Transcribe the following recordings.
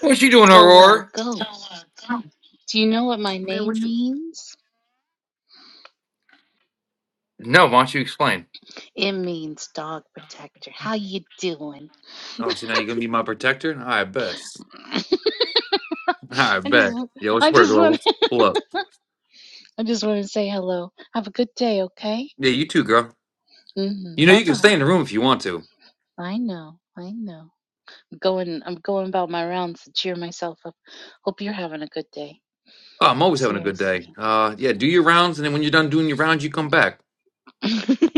What you doing, So, uh, Aurora? Ghost, do you know what my Man, name what you? means? No, why don't you explain? It means dog protector. How you doing? Oh, so now you're gonna be my protector? I bet. I I just, bet. Yo, it's I where just girl. want, Pull up. I just want to say hello. Have a good day, okay? Yeah, you too, girl. hmm You know Bye you can bye. stay in the room if you want to. I know, I know. going, I'm going about my rounds to cheer myself up. Hope you're having a good day. Oh, I'm always having a good day. Seriously. Uh, yeah, do your rounds, and then when you're done doing your rounds, you come back.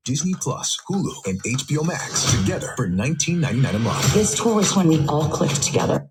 Disney Plus, Hulu, and HBO Max together for 19.99 dollars a month. This tour was when we all clicked together.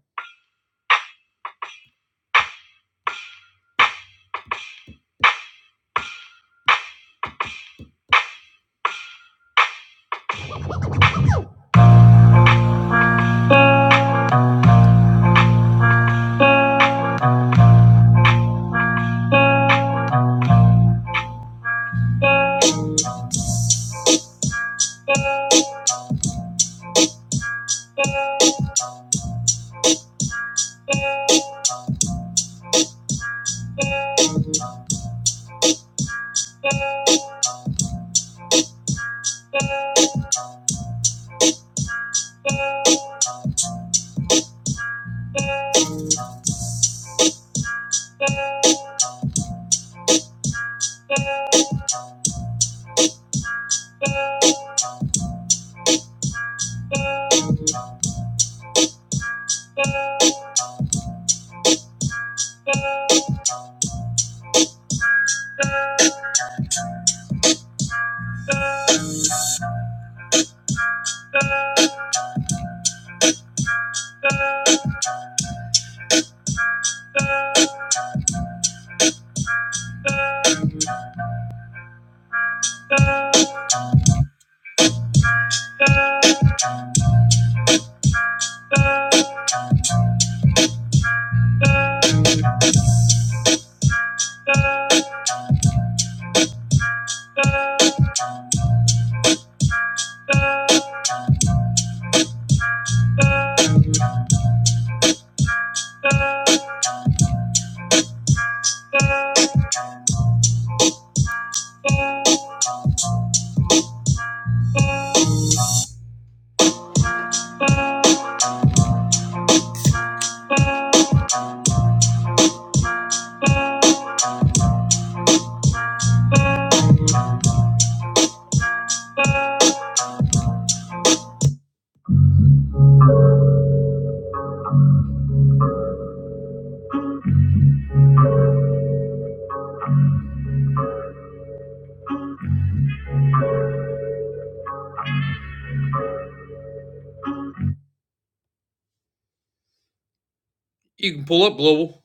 You can pull up global.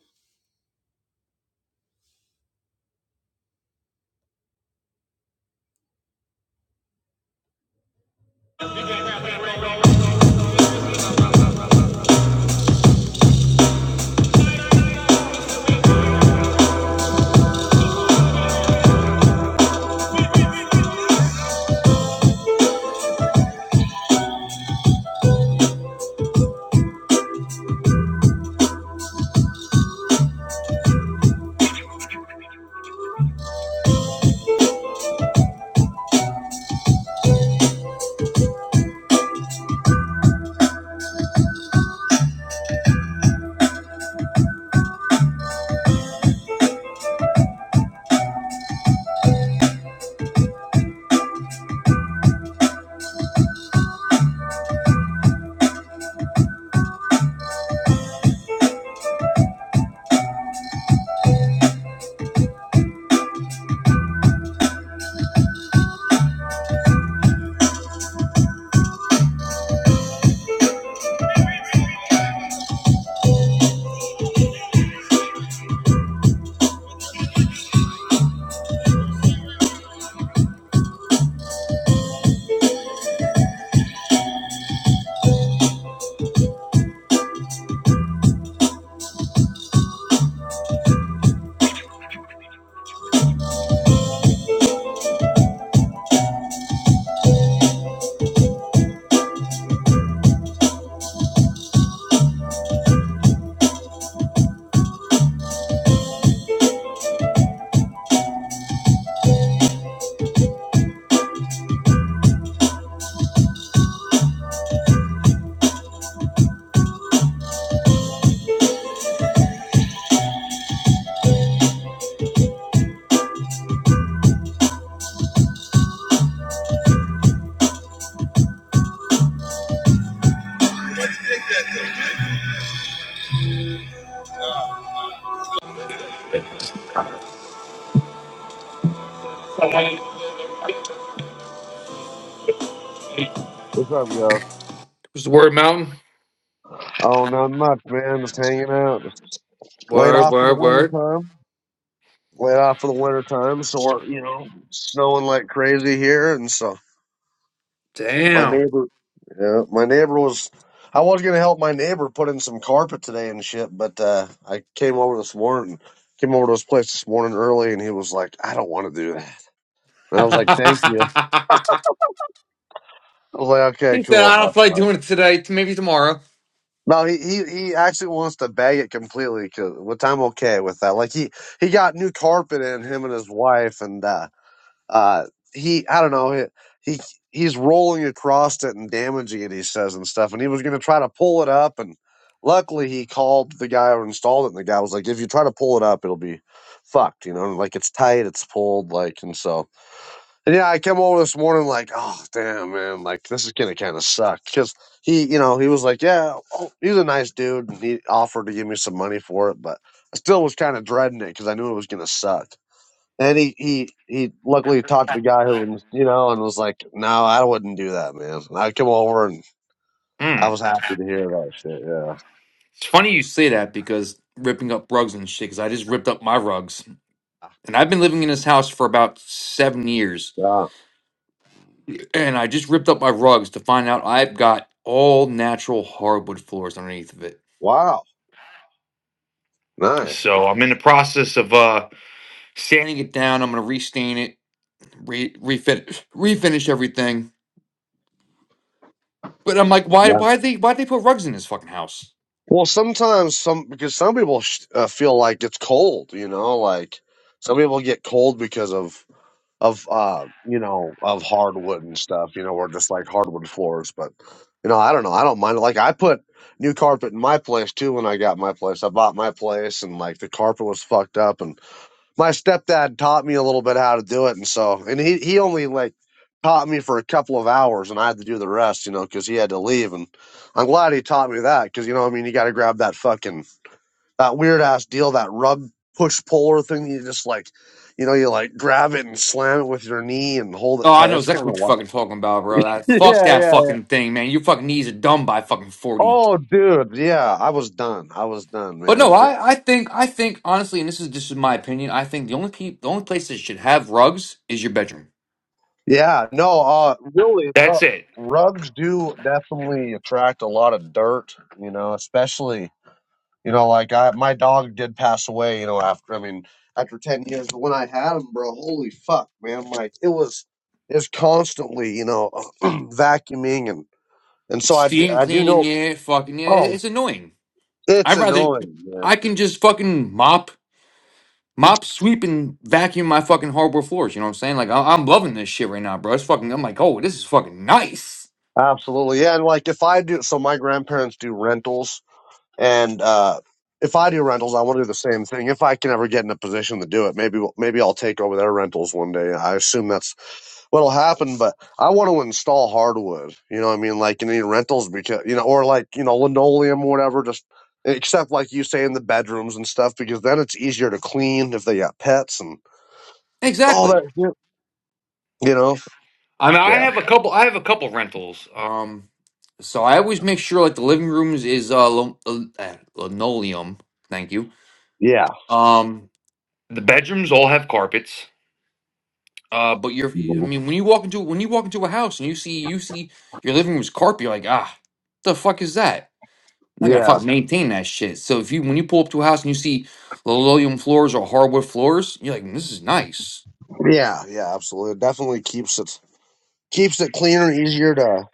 What's up, y'all? What's the word mountain? Oh, not much, man. Just hanging out. Just laid Word, off for the word, winter word. time. Laid off for the winter time. So we're, you know, snowing like crazy here, and so my Damn. neighbor, yeah, my neighbor was. I was gonna help my neighbor put in some carpet today and shit, but uh, I came over this morning. Came over to his place this morning early, and he was like, "I don't want to do that." And I he was like, "Thank you." I was like, "Okay, said, I cool." don't feel like doing it today. Maybe tomorrow. No, he, he he actually wants to bag it completely, 'cause- which I'm okay with that. Like he he got new carpet in him and his wife, and uh, uh, he I don't know he, he he's rolling across it and damaging it. He says and stuff, and he was gonna try to pull it up, and luckily he called the guy who installed it, and the guy was like, "If you try to pull it up, it'll be fucked, you know, like it's tight, it's pulled, like and so." Yeah, I came over this morning like, oh damn, man, like this is gonna kind of suck because he, you know, he was like, yeah, oh, he's a nice dude, and he offered to give me some money for it, but I still was kind of dreading it because I knew it was gonna suck. And he, he, he, luckily talked to the guy who, was, you know, and was like, no, I wouldn't do that, man. And I came over and I Hmm. was happy to hear that shit. Yeah, It's funny you say that because ripping up rugs and shit, because I just ripped up my rugs. And I've been living in this house for about seven years. yeah, And I just ripped up my rugs to find out I've got all natural hardwood floors underneath of it. wow, nice. So I'm in the process of uh sanding it down. I'm gonna restain it, re- refit, refinish everything. But I'm like, why, Yeah. why they, why they put rugs in this fucking house? Well, sometimes some because some people sh- uh, feel like it's cold, you know, like some people get cold because of of uh you know of hardwood and stuff you know or just like hardwood floors but you know i don't know i don't mind it. like i put new carpet in my place too when i got my place i bought my place and like the carpet was fucked up and my stepdad taught me a little bit how to do it and so and he he only like taught me for a couple of hours and i had to do the rest you know because he had to leave and i'm glad he taught me that because you know what i mean you got to grab that fucking that weird ass deal, that rug push puller thing. You just like, you know, you like grab it and slam it with your knee and hold it Oh, I tight. know It's kind exactly of what you're wild. fucking talking about, bro. That yeah, fuck yeah, that yeah. fucking thing, man. Your fucking knees are dumb by fucking forty. Oh, dude, yeah. I was done. I was done, But man. no, It, d- I, I think, I think honestly, and this is just my opinion. I think the only pe- the only place that should have rugs is your bedroom. yeah, no, uh, really, ru- That's it. rugs do definitely attract a lot of dirt. You know, especially You know, like I, my dog did pass away. You know, after I mean, after ten years, but when I had him, bro, holy fuck, man, like it was, it's constantly, you know, vacuuming and and so I do, Steam I do cleaning know. it, fucking yeah, it- Oh, it's annoying. it's I'd rather annoying, man. I can just fucking mop Mop, sweep, and vacuum my fucking hardwood floors. You know what I'm saying? Like I- I'm loving this shit right now, bro. It's fucking. I'm like, oh, this is fucking nice. Absolutely, yeah. And like if I do, so my grandparents do rentals, and uh if I do rentals, I want to do the same thing. If I can ever get in a position to do it, maybe we'll- maybe I'll take over their rentals one day. I assume that's what'll happen, but I want to install hardwood. You know what I mean? Like in any rentals because you know, or like, you know, linoleum or whatever, just except like you say in the bedrooms and stuff, because then it's easier to clean if they got pets and all Exactly. that shit. You know? I mean, I Yeah. have a couple. I have a couple rentals. Um, so I always make sure like the living rooms is uh, lo- uh eh, linoleum. Thank you. Yeah. Um, the bedrooms all have carpets. Uh, but you're. I Mhm. mean, when you walk into when you walk into a house and you see you see your living room's carpet, you're like, ah, the fuck is that? I gotta Yeah. fucking maintain that shit. So if you when you pull up to a house and you see linoleum floors or hardwood floors, you're like, this is nice. Yeah. Yeah, absolutely. It definitely keeps it keeps it cleaner, easier to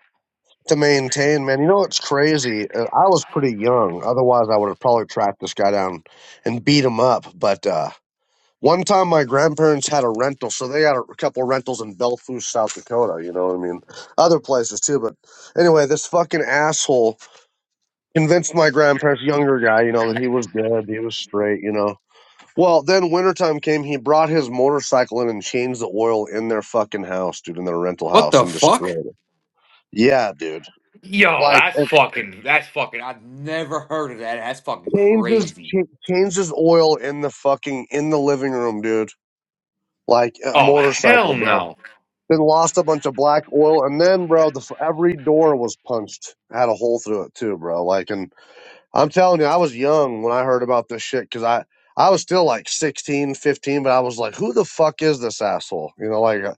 to maintain, man. You know what's crazy? Uh, I was pretty young. Otherwise I would have probably tracked this guy down and beat him up. But uh One time, my grandparents had a rental, so they had a couple rentals in Belfast, South Dakota. You know what I mean? Other places too, but anyway, this fucking asshole convinced my grandparents, younger guy, you know, that he was good, he was straight, you know. Well, then wintertime came, he brought his motorcycle in and changed the oil in their fucking house, dude, in their rental What house, the and fuck? destroyed it. Yeah, dude. Yo, Like that's it fucking that's fucking I've never heard of that. That's fucking changes crazy. cha- changes oil in the fucking in the living room, dude. Like a Oh hell motorcycle, bro. no. Then lost a bunch of black oil, and then, bro, the f- every door was punched, had a hole through it too, bro. Like, and I'm telling you, I was young when I heard about this shit because I I was still like 16, 15, but I was like, who the fuck is this asshole? You know, like uh,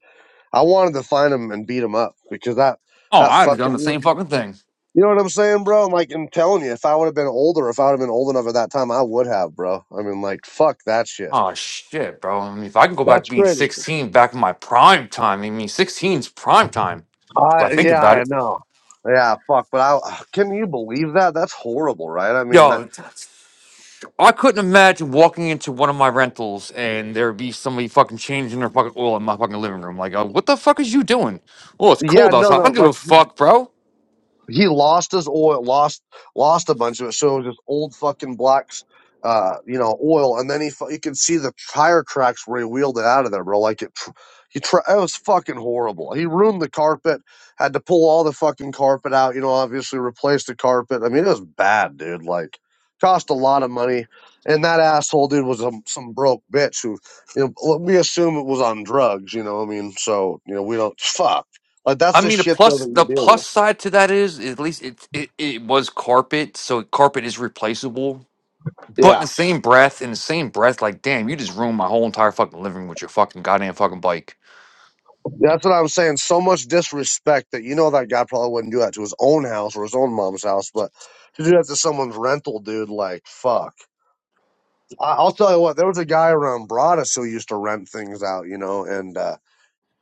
I wanted to find him and beat him up because that Oh, that I'd have done fucking the same fucking thing. you know what I'm saying, bro? I'm like, I'm telling you, if I would have been older, if I would have been old enough at that time, I would have, bro. I mean, like, fuck that shit. Oh shit, bro. I mean if I can go back to That's being great. 16 back in my prime time, I mean sixteen's prime time. If I I think yeah, about I it. know. Yeah, fuck. But I can you believe that? That's horrible, right? I mean, that, Yo, I couldn't imagine walking into one of my rentals and there'd be somebody fucking changing their fucking oil in my fucking living room. Like, uh, what the fuck is you doing? Well, it's yeah, cold no, outside. I no, don't give a like. fuck, bro. He lost his oil, lost lost a bunch of it. So it was just old fucking black, uh, you know, oil. And then he you could see the tire cracks where he wheeled it out of there, bro. Like it, he tr- it was fucking horrible. He ruined the carpet. Had to pull all the fucking carpet out. You know, obviously replace the carpet. I mean, it was bad, dude. Like cost a lot of money. And that asshole dude was a, some broke bitch who, you know, we assume it was on drugs. You know, what I mean, so you know, we don't fuck. Like that's I the mean, the shit though plus that you the deal with. plus side to that is at least it it, it was carpet, so carpet is replaceable. But in Yeah. the same breath, in the same breath, like, damn, you just ruined my whole entire fucking living room with your fucking goddamn fucking bike. That's what I'm saying. So much disrespect that you know that guy probably wouldn't do that to his own house or his own mom's house, but to do that to someone's rental, dude, like fuck. I- I'll tell you what. There was a guy around Broadus who used to rent things out, you know, and uh,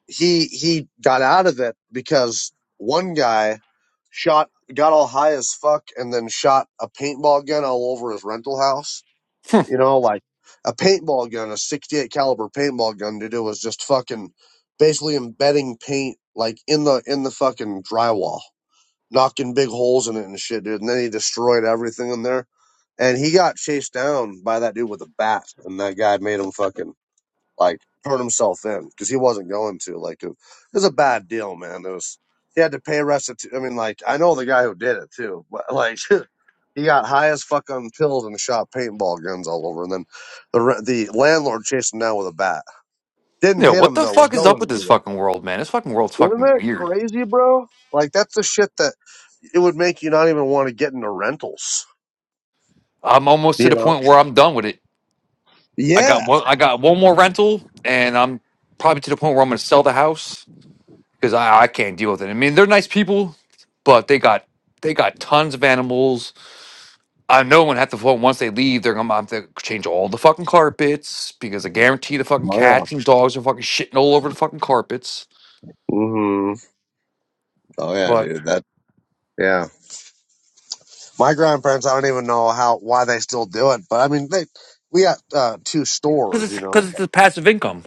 he he got out of it because one guy shot got all high as fuck and then shot a paintball gun all over his rental house Hmm. you know, like a paintball gun, a 68 caliber paintball gun to do was just fucking basically embedding paint like in the in the fucking drywall, knocking big holes in it and shit, dude. And then he destroyed everything in there. And he got chased down by that dude with a bat, and that guy made him fucking like turn himself in because he wasn't going to. Like it was a bad deal, man. It was he had to pay restitution. I mean, like I know the guy who did it too, but like he got high as fuck on pills and shot paintball guns all over. And then the re- the landlord chased him down with a bat. Didn't Yeah, hit what him the though. Was fuck is up going with to this him. fucking world, man? This fucking world's Isn't fucking that weird. crazy, bro? Like that's the shit that it would make you not even want to get into rentals. I'm almost to You the know? point where I'm done with it. I got Yeah. one. I got one more rental, and I'm probably to the point where I'm going to sell the house because I, I can't deal with it. I mean, they're nice people, but they got they got tons of animals. I know when at the phone once they leave, they're going to have to change all the fucking carpets because I guarantee the fucking Oh cats yeah. and dogs are fucking shitting all over the fucking carpets. hmm Oh yeah, But dude. That. Yeah. My grandparents, I don't even know how why they still do it, but I mean, they we got uh, two because stores, it's you know. because it's But a passive income,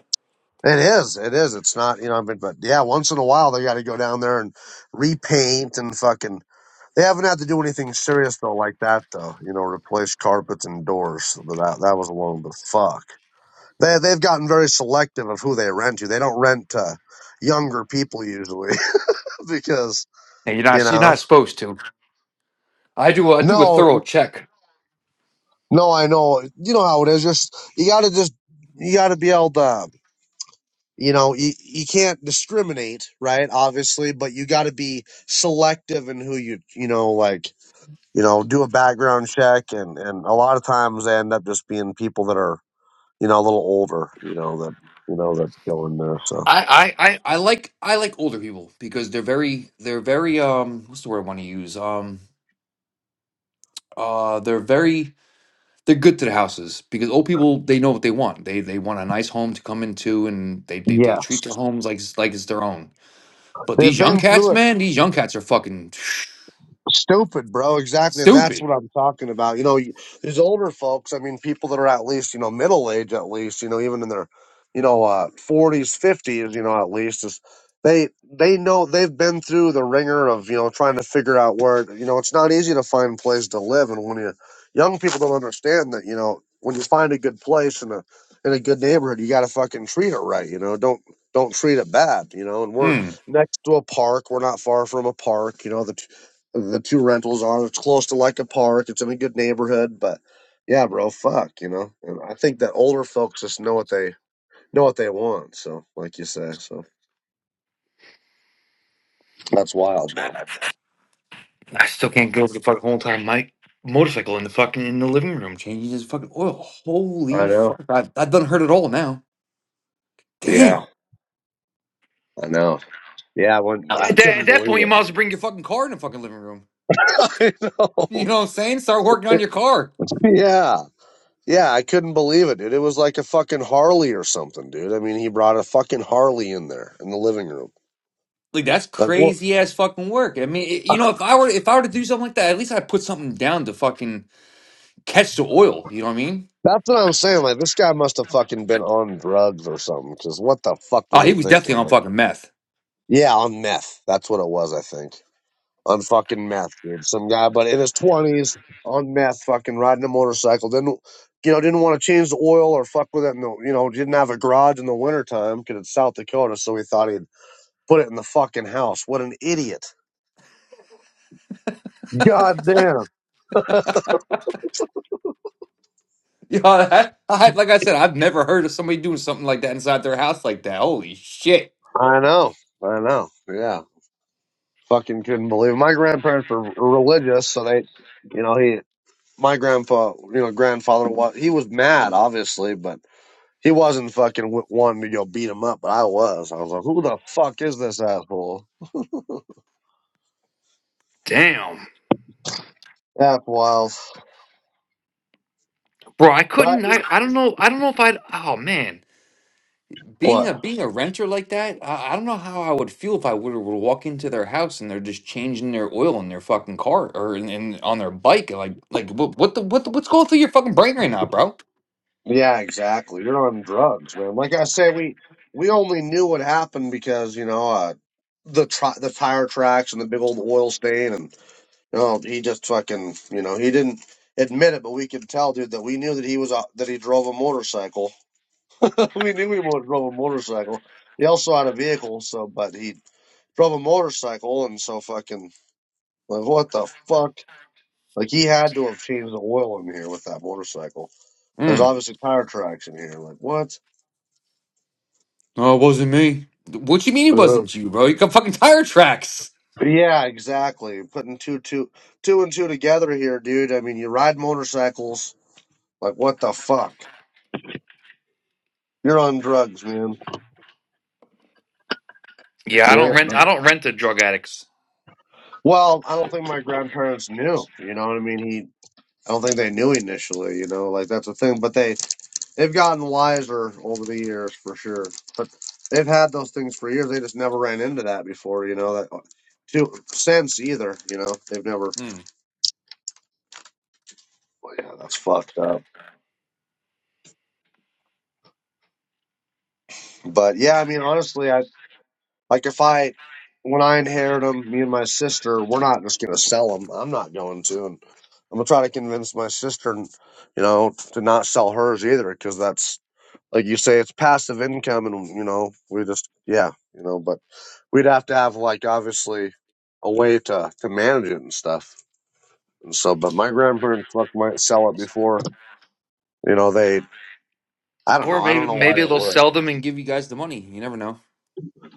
it is, it is. It's not, you know. I mean, but yeah, once in a while they got to go down there and repaint and fucking. They haven't had to do anything serious though, like that though. You know, replace carpets and doors. But that that was alone, but fuck. They they've gotten very selective of who they rent to. They don't rent to younger people usually because and you're you not you're know. not supposed to. I do a, I do a No, thorough check No, I know. You know how it is. Just you got to just you got to be able to. You know, you, you can't discriminate, right? Obviously, but you got to be selective in who you you know like you know do a background check, and and a lot of times they end up just being people that are you know a little older, you know that you know that go in there. So I, I, I I like I like older people because they're very they're very um what's the word I want to use um uh they're very they're good to the houses because old people they know what they want they they want a nice home to come into and they they, they yes, treat their homes like it's like it's their own but they've these young been through it. cats man these young cats are fucking Stupid, bro. Exactly. And that's stupid what I'm talking about. You know, you- these older folks, I mean, people that are at least, you know, middle age, at least, you know, even in their, you know, uh, 40s, 50s, you know, at least, is they, they know they've been through the ringer of, you know, trying to figure out where, you know, it's not easy to find a place to live. And when you, young people don't understand that, you know, when you find a good place in a, in a good neighborhood, you got to fucking treat it right. You know, don't, don't treat it bad, you know, and we're mm. next to a park. We're not far from a park. You know, the the two rentals are. It's close to like a park. It's in a good neighborhood, but yeah, bro, fuck, you know. And I think that older folks just know what they know what they want. So, like you say, so that's wild, though. I still can't go over the fucking whole time my motorcycle in the fucking in the living room changing his fucking oil I holy know. fuck I, I've done heard it all now damn Yeah, I know. Yeah, when Yeah, I At that, couldn't at that believe point, you might it. as well bring your fucking car in the fucking living room. I know. You know what I'm saying? Start working on It- your car. yeah. Yeah, I couldn't believe it, dude. It was like a fucking Harley or something, dude. I mean, he brought a fucking Harley in there in the living room. Like that's Like what? crazy ass fucking work. I mean, it- you know, if I were if I were to do something like that, at least I'd put something down to fucking catch the oil. You know what I mean? That's what I'm saying. Like, this guy must have fucking been on drugs or something. Because what the fuck Oh, was he he was definitely thinking? on Like, fucking meth. yeah, on meth. That's what it was, I think. On fucking meth, dude. Some guy, but in his twenties, on meth, fucking riding a motorcycle. Didn't, you know, didn't want to change the oil or fuck with it. No, you know, didn't have a garage in the wintertime because it's South Dakota, so he thought he'd put it in the fucking house. What an idiot! God damn. You know, I, I, like I said, I've never heard of somebody doing something like that inside their house like that. Holy shit! I know. I know. Yeah. Fucking couldn't believe. it. My grandparents were religious, so they you know, he my grandfather, you know, grandfather was he was mad, obviously, but he wasn't fucking w- wanting to go beat him up. But I was. I was like, who the fuck is this asshole? Damn, That's wild. bro, I But couldn't. I, I don't know. I don't know if I'd. Oh man, Being what? a being a renter like that, I, I don't know how I would feel if I were to walk into their house and they're just changing their oil in their fucking car or in, in on their bike. Like like what what the what the, what's going through your fucking brain right now, bro? Yeah, exactly. You're on drugs, man. Like I say, we we only knew what happened because you know uh, the tri- the tire tracks and the big old oil stain, and you know he just fucking you know he didn't admit it, but we could tell, dude, that we knew that he was uh, that he drove a motorcycle We knew he wa- drove a motorcycle. He also had a vehicle, so but he drove a motorcycle, and so fucking like what the fuck? Like he had to have changed the oil in here with that motorcycle. There's Hmm. obviously tire tracks in here. Like what? No, it wasn't me. What you mean it Yeah, wasn't you, bro? You got fucking tire tracks. Yeah, exactly. Putting two two two and two together here, dude. I mean, you ride motorcycles. Like what the fuck? You're on drugs, man. Yeah, I Yeah. don't rent. I don't rent to drug addicts. Well, I don't think my grandparents knew. You know what I mean? I don't think they knew initially, you know, like that's the thing. But they they've gotten wiser over the years for sure. But they've had those things for years. They just never ran into that before, you know. That to since either, you know, they've never. Hmm. Well, yeah, that's fucked up. But yeah, I mean, honestly, I like if I when I inherit them, me and my sister, we're not just gonna sell them. I'm not going to, and I'm gonna try to convince my sister, you know, to not sell hers either, because that's like you say, it's passive income, and you know, we just yeah, you know, but we'd have to have like obviously a way to to manage it and stuff. And so, but my grandparents fuck might sell it before you know they. I don't Or know. I don't maybe know why they maybe they'll would. sell them and give you guys the money. You never know.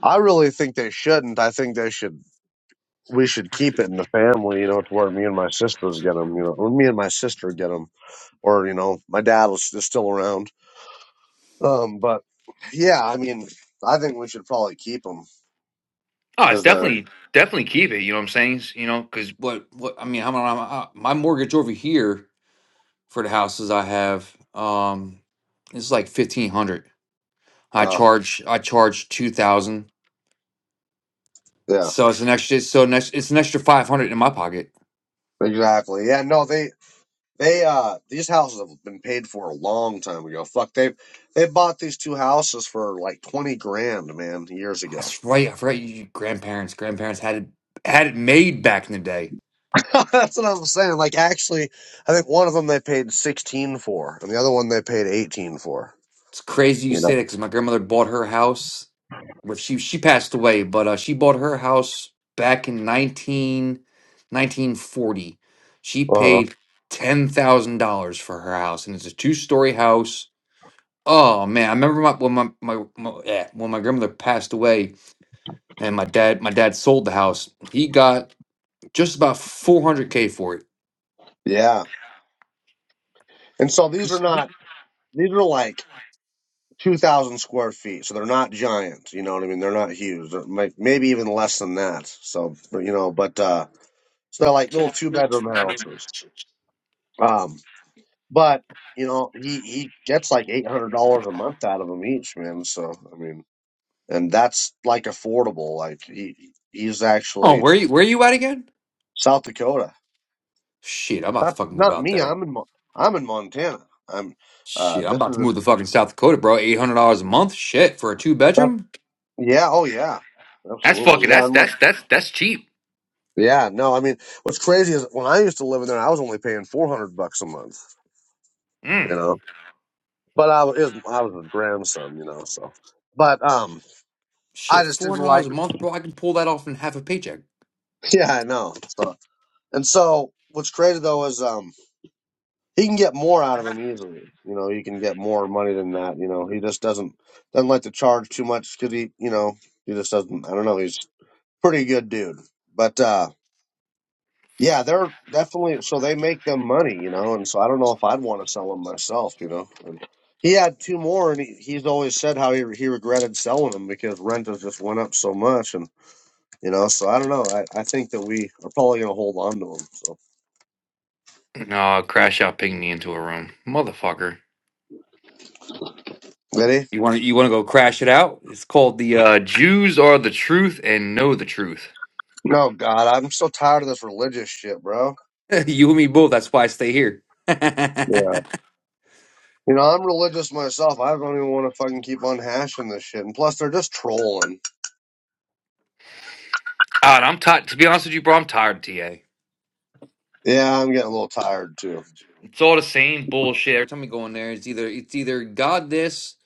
I really think they shouldn't. I think they should. We should keep it in the family, you know, to where me and my sister would get them, you know, or me and my sister would get them, or you know, my dad was just still around. Um, but yeah, I mean, I think we should probably keep them Oh, it's because they're, definitely definitely keep it. You know what I'm saying? You know because what what I mean. I'm, I'm, I, my mortgage over here. for the houses I have. Um, it's like fifteen hundred. I uh, charge I charge two thousand, yeah. so it's an extra. So next, it's an extra five hundred in my pocket. Exactly. Yeah. No, they they uh these houses have been paid for a long time ago. Fuck, they they bought these two houses for like twenty grand, man, years ago. That's right. I forgot you grandparents. Grandparents had it had it made back in the day. That's what I'm saying. Like, actually, I think one of them they paid sixteen for, and the other one they paid eighteen for. It's crazy you You know. say that because my grandmother bought her house. Well, she she passed away, but uh, she bought her house back in 19 1940. She Uh huh. paid ten thousand dollars for her house, and it's a two story house Oh man, I remember my, when my my, my yeah, when my grandmother passed away, and my dad my dad sold the house. He got just about four hundred k for it. Yeah. And so these are not these are like two thousand square feet, so they're not giant. You know what I mean? They're not huge. They're may- maybe even less than that. So but, you know, but uh, so they're like little two bedroom houses. Um. But you know, he he gets like eight hundred dollars a month out of them each, man. So I mean, and that's like affordable. Like he he's Oh, actually where you where you at again? South Dakota. Shit, I'm about to Not fucking move not out me. there. I'm in Mo- I'm in Montana. I'm uh Shit, I'm this is about to a move to fucking South Dakota, bro. Eight hundred dollars a month. Shit for a two that, bedroom. yeah oh yeah That's absolutely fucking yeah that's I'm like, that's that's that's cheap. yeah no I mean what's crazy is when I used to live in there I was only paying four hundred bucks a month you Mm. know but I was it was- I was a grandson you know so but um I Shit, just four didn't hundred dollars like a month, bro. I can pull that off in half a paycheck. yeah I know so And so what's crazy though is um he can get more out of him easily. You know, he can get more money than that. You know, he just doesn't doesn't like to charge too much because he, you know, he just doesn't. I don't know. He's a pretty good dude, but uh yeah, they're definitely so they make them money. You know, and so I don't know if I'd want to sell them myself. You know. And he had two more, and he, he's always said how he he regretted selling them because rent has just went up so much, and you know. So I don't know. I, I think that we are probably gonna hold on to them. So No, crash out, ping me into a room, motherfucker. ready? You want to you want to go crash it out? It's called the uh, Jews are the truth and know the truth. No, God, I'm so tired of this religious shit, bro. you and me both. That's why I stay here. Yeah. You know, I'm religious myself. I don't even want to fucking keep on hashing this shit. And plus, they're just trolling. It's God, I'm tired. To be honest with you, bro, I'm tired of TA. Yeah, I'm getting a little tired too. It's all the same bullshit. Every time we go in there, it's either it's either God this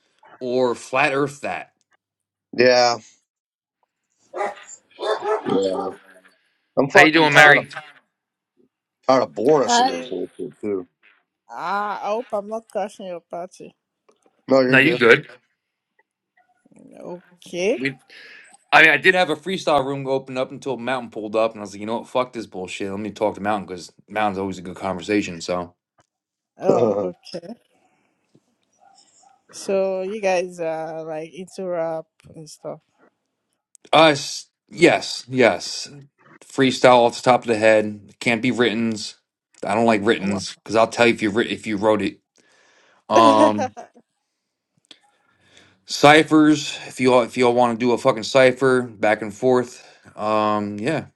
or flat Earth that. Yeah, Yeah. I'm How you fucking doing, tired of Mary? tired of Boris and his Hi. bullshit too. Ah, I hope I'm not crashing your party. No, No, you're you good. good? Okay. We, I mean, I did have a freestyle room open up until Mountain pulled up, and I was like, you know what? Fuck this bullshit. Let me talk to Mountain because Mountain's always a good conversation. So. Oh, okay. So you guys are like into rap and stuff. Uh, s- yes, yes. Freestyle off the top of the head. Can't be writtens. I don't like Wow. writtens because I'll tell you if you writ- if you wrote it. okay. Um, ciphers. If you all if you all want to do a fucking cipher back and forth. Um, yeah,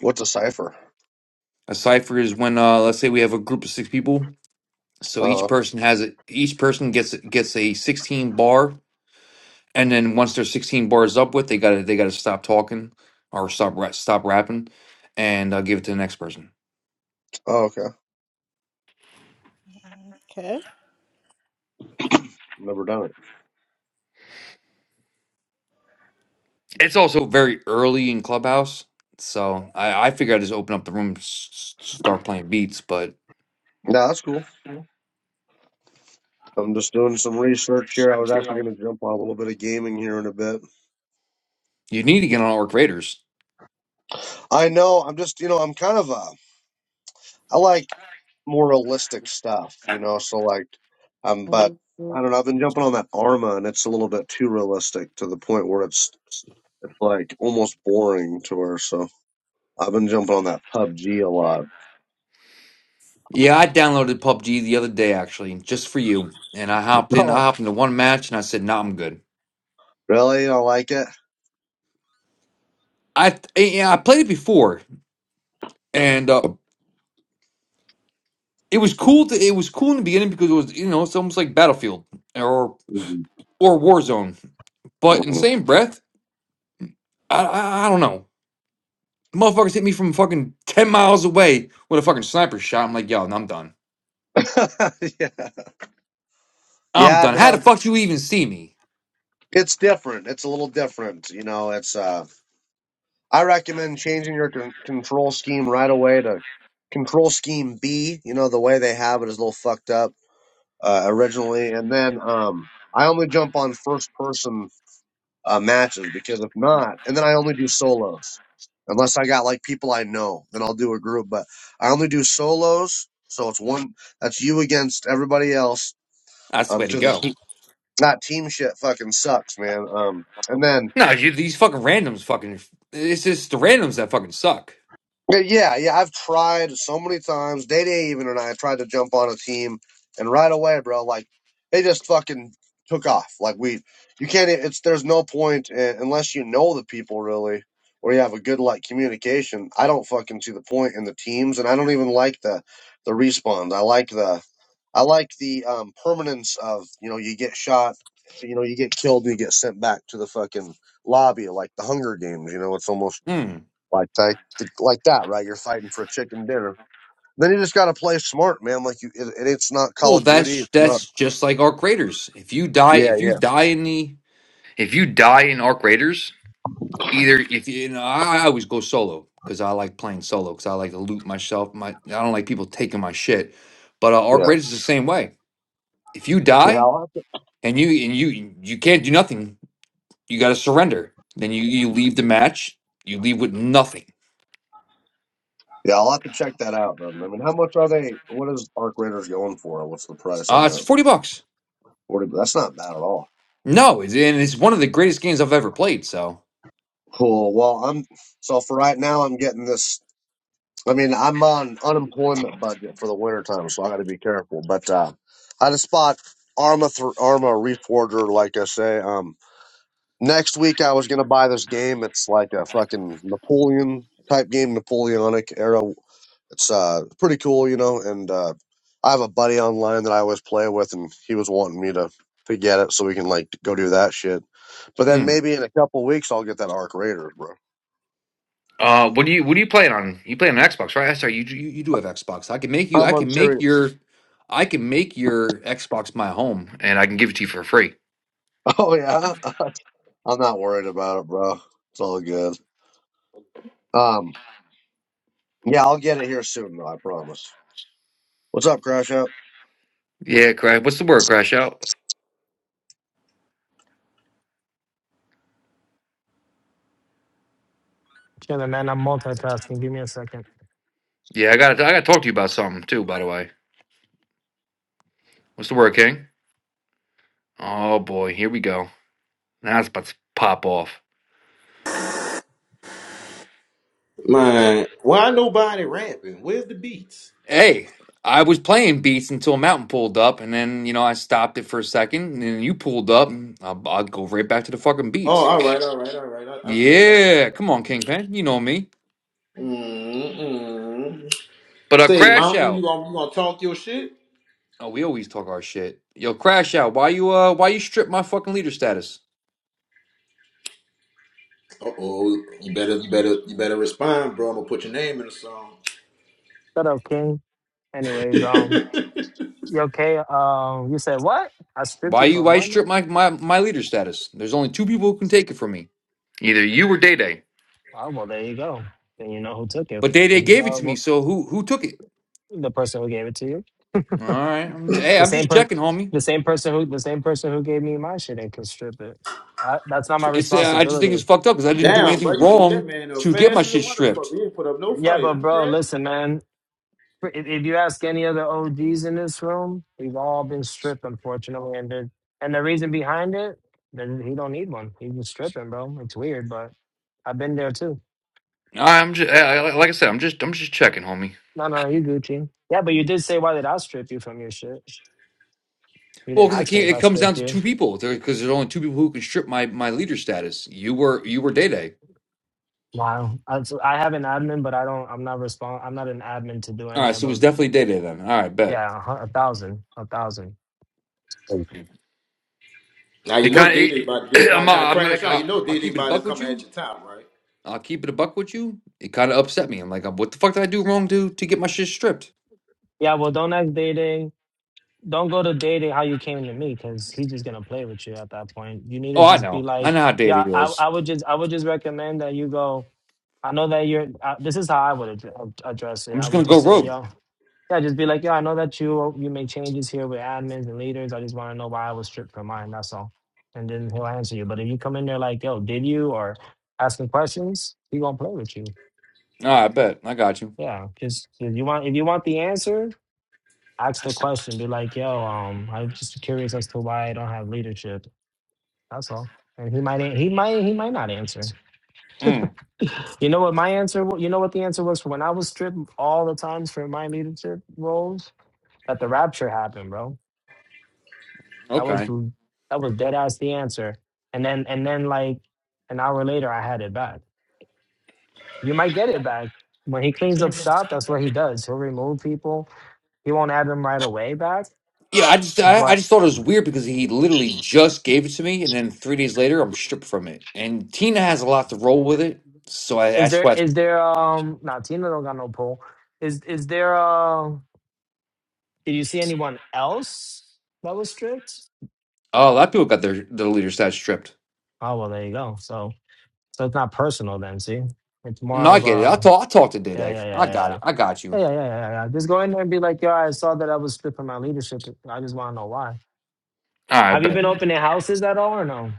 What's a cipher? a cipher is when uh, let's say we have a group of six people. So each Uh, oh, person has a Each person gets gets a sixteen bar, and then once they're sixteen bars up with, they gotta they gotta stop talking or stop ra- stop rapping, and uh, give it to the next person. okay. Well, Never done it. it's also very early in Clubhouse, so I, I figure I just open up the room, s- s- start playing beats. But Nah, that's cool. I'm just doing some research here. I was actually going to jump on a little bit of gaming here in a bit. you need to get on Orc Raiders. I know. I'm just, you know, I'm kind of a I like more realistic stuff, you know. So like, um, but I don't know. I've been jumping on that Arma, and it's a little bit too realistic to the point where it's it's like almost boring to her. So I've been jumping on that PUBG a lot. Yeah, I downloaded PUBG the other day actually, just for you. And I hopped in. I Oh, hopped into one match, and I said, "No, I'm good." really? You don't like it? I th- yeah, I played it before, and uh, it was cool. To, it was cool in the beginning because it was you know it's almost like Battlefield or Mhm. or Warzone. But in Mhm. same breath, I I, I don't know. Motherfuckers hit me from fucking ten miles away with a fucking sniper shot. I'm like, yo, I'm done. yeah, I'm yeah. done. How No, the it, fuck you even see me? it's different. It's a little different. You know, it's uh. I recommend changing your con- control scheme right away to control scheme B. You know, the way they have it is a little fucked up uh, originally, and then um, I only jump on first person uh, matches because if not, and then I only do solos unless I got like people I know, then I'll do a group. But I only do solos, so it's one that's you against everybody else. I Um, swear to to the go. team, that team shit fucking sucks, man. Um, and then No, you, these fucking randoms fucking. It's just the randoms that fucking suck. Uh, Yeah, yeah, I've tried so many times. Day Day even and I tried to jump on a team, and right away, bro, like they just fucking took off. Like we, you can't. e, It's there's no point in, unless you know the people really, or you have a good like communication. I don't fucking see the point in the teams, and I don't even like the the respawns. I like the I like the um, permanence of you know you get shot, you know you get killed, and you get sent back to the fucking lobby like the Hunger Games. You know, it's almost Hmm. like that, like that, right? You're fighting for a chicken dinner. Then you just got to play smart, man. Like you, it, it, it's not Call Well, of Duty. that's It's not. that's just like arc raiders. If you die, Yeah, if you yeah, die in the, if you die in arc raiders, either if you, you know, I, I always go solo because I like playing solo because I like to loot myself. My I don't like people taking my shit. But uh, arc yeah, raiders is the same way. If you yeah. die I'll have to, and you and you you can't do nothing, you got to surrender. Then you you leave the match. You leave with nothing yeah, I'll have to check that out. Then. I mean, how much are they? What is Arc Raiders going for? What's the price Uh, on it's that? forty bucks. Forty. That's not bad at all. No, it's, and it's one of the greatest games I've ever played. So, Cool. Well, I'm so for right now, I'm getting this. I mean, I'm on unemployment budget for the winter time, so I got to be careful. But uh, I had a spot Arma th- Arma Reforger, like I say. Um, next week I was gonna buy this game. It's like a fucking Napoleon type game, Napoleonic era. It's uh pretty cool, you know. And uh, I have a buddy online that I always play with, and he was wanting me to to get it so we can like go do that shit. But then mm. maybe in a couple weeks I'll get that Arc Raiders, bro. Uh, what do you what do you play it on? You play it on Xbox, right? I saw you. you, you do have Xbox. I can make you. I'm I on can make serious. your. I can make your Xbox my home. and I can give it to you for free. Oh yeah, I'm not worried about it, bro. It's all good. Um, yeah, I'll get it here soon though. I promise. What's up, Crash Out? Yeah, crash. What's the word, crash out? Chilling, man. I'm multitasking. Give me a second. Yeah, I got. I got to talk to you about something too. By the way, what's the word, King? Oh boy, here we go. Now it's about to pop off. Man, why nobody rapping? Where's the beats? Hey, I was playing beats until Mountain pulled up, and then you know I stopped it for a second, and then you pulled up, and I'll, I'll go right back to the fucking Oh, beats. all right, all right, all right. I, I feel you. Yeah, come on, Kingpin, you know me. Mm-mm. But uh, Say, crash Mountain, you out. gonna you gonna talk your shit? Oh, we always talk our shit. Yo, crash out. Why you uh? Why you strip my fucking leader status? Uh oh, you better you better you better respond, bro. I'm gonna put your name in the song. Shut up, King. Anyways, um, you okay? Um, you said what? I stripped Why you you from why you what? strip now? my my my leader status? There's only two people who can take it from me. Either you or Day Day. Oh, well, there you go. Then you know who took it But Day Day because you gave it know to me, well, so who who took it? the person who gave it to you. All right. I'm, hey, The I'm same just per, checking, homie. the same person who the same person who gave me my shit and can strip it. I, that's not my It's uh, I just think it's responsibility. fucked up because I didn't do Damn, bro, anything you gave that wrong man up to get my fast as a shit motherfucker. stripped. He didn't put up no Yeah, fight, but huh, bro, right? listen, man. If, if you ask any other OGs in this room, we've all been stripped, unfortunately, and the, and the reason behind it, that he don't need one. He's just stripping, bro. It's weird, but I've been there too. I'm just like I said. I'm just I'm just checking, homie. No, no, you Gucci. Yeah, but you did say why did I strip you from your shit? You Well, didn't because it ask me can't, if I it comes down stripped to you. two people because there's only two people who can strip my my leader status. You were you were Day Day. Wow, I, so I have an admin, but I don't. I'm not respond. I'm not an admin to do All any right, of so it was those. definitely Day Day then. All right, bet. Yeah, a, hun- a thousand, a thousand. Now you It know kind Diddy about to be, of. I'm, now uh, now I'm gonna. crash out. Uh, You know I'll Diddy keep it a about to buck with come at you. your top, right? I'll keep it a buck with you. It kind of upset me. I'm like, what the fuck did I do wrong to to get my shit stripped? Yeah, well, don't act dating. don't go to dating how you came to me because he's just gonna play with you at that point. You need to Oh, I just be know. I like, know how Day yeah, Day I, was. I would just I would just recommend that you go. I know that you're. Uh, this is how I would ad- address it. I'm I just would gonna go just say, rogue. yo, yeah, just be like, yeah, I know that you you make changes here with admins and leaders. I just want to know why I was stripped from mine. That's all. And then he'll answer you. But if you come in there like, yo, did you or asking questions, he gonna play with you. All right, bet. I got you. Yeah, just if you want if you want the answer, ask the question, be like, "Yo, um, I'm just curious as to why I don't have leadership." That's all. And he might, he might, he might not answer. Mm, You know what my answer? wa- You know what the answer was for when I was stripped all the times for my leadership roles that the rapture happened, bro. That was okay. that was dead ass the answer. And then and then like an hour later, I had it back. You might get it back when he cleans up shop. That's what he does. He'll remove people. He won't have them right away back, Yeah, I just I, I but. just thought it was weird because he literally just gave it to me, and then three days later I'm stripped from it. And Tina has a lot to roll with it, so I, Is that's there why. is there um nah Tina don't got no poll. Is is there um did you see anyone else that was stripped? Oh, a lot of people got their their leader stats stripped. Oh well there you go. So so it's not personal then, see? It's more No, I of get it. I uh talk I talked to yeah Dede. yeah yeah yeah I got yeah. it. I got Yeah, you. yeah, yeah, yeah, yeah. Just go in there and be like, yo, I saw that I was stripped from my leadership. I just want to know why. All right, Have you but been opening houses at all or no?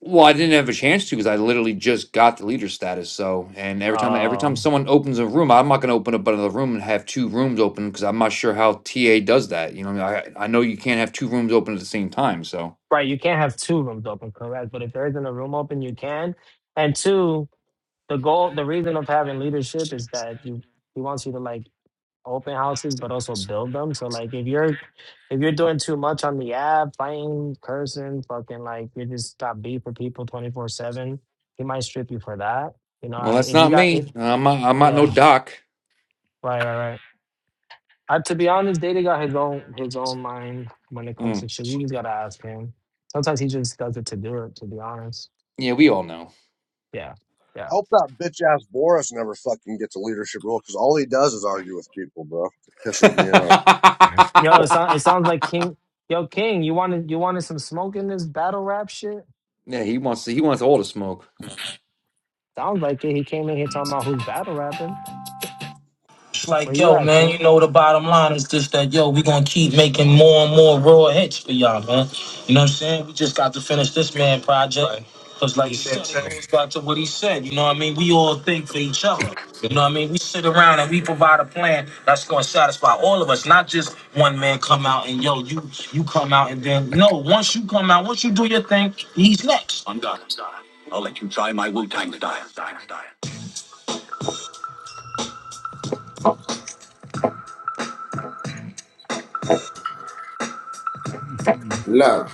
well, I didn't have a chance to because I literally just got the leader status. So, and every time every time Oh, someone opens a room, I'm not going to open up another room and have two rooms open because I'm not sure how TA does that. You know, I I know you can't have two rooms open at the same time, so. right. You can't have two rooms open, correct? But if there isn't a room open, you can. And two, the goal the reason of having leadership is that you he wants you to like open houses but also build them so like if you're if you're doing too much on the app fighting cursing fucking like you just got beef for people 24 7 he might strip you for that you know Well, and that's if you not got it me. I'm not, I'm not no yeah doc. right right right I, to be honest data got his own his own mind when it comes to Mm. shit you just gotta ask him sometimes he just does it to do it to be honest Yeah, we all know. yeah yeah. I hope that bitch ass Boris never fucking gets a leadership role because all he does is argue with people, bro. Pisses me off. Yo, it, sound, it sounds like King. Yo, King, you wanted you wanted some smoke in this battle rap shit? yeah, he wants he wants all the smoke. Sounds like it. He came in here talking about who's battle rapping. Where like, you yo, at, man, you King? know the bottom line is just that, yo, we gonna keep making more and more raw hits for y'all, man. You know what I'm saying? We just got to finish this man project. Right. Cause like you said, it goes back to what he said. You know what I mean? We all think for each other. You know what I mean? We sit around and we provide a plan that's gonna satisfy all of us, not just one man come out and yo, you you come out and then no, once you come out, once you do your thing, he's next. Love.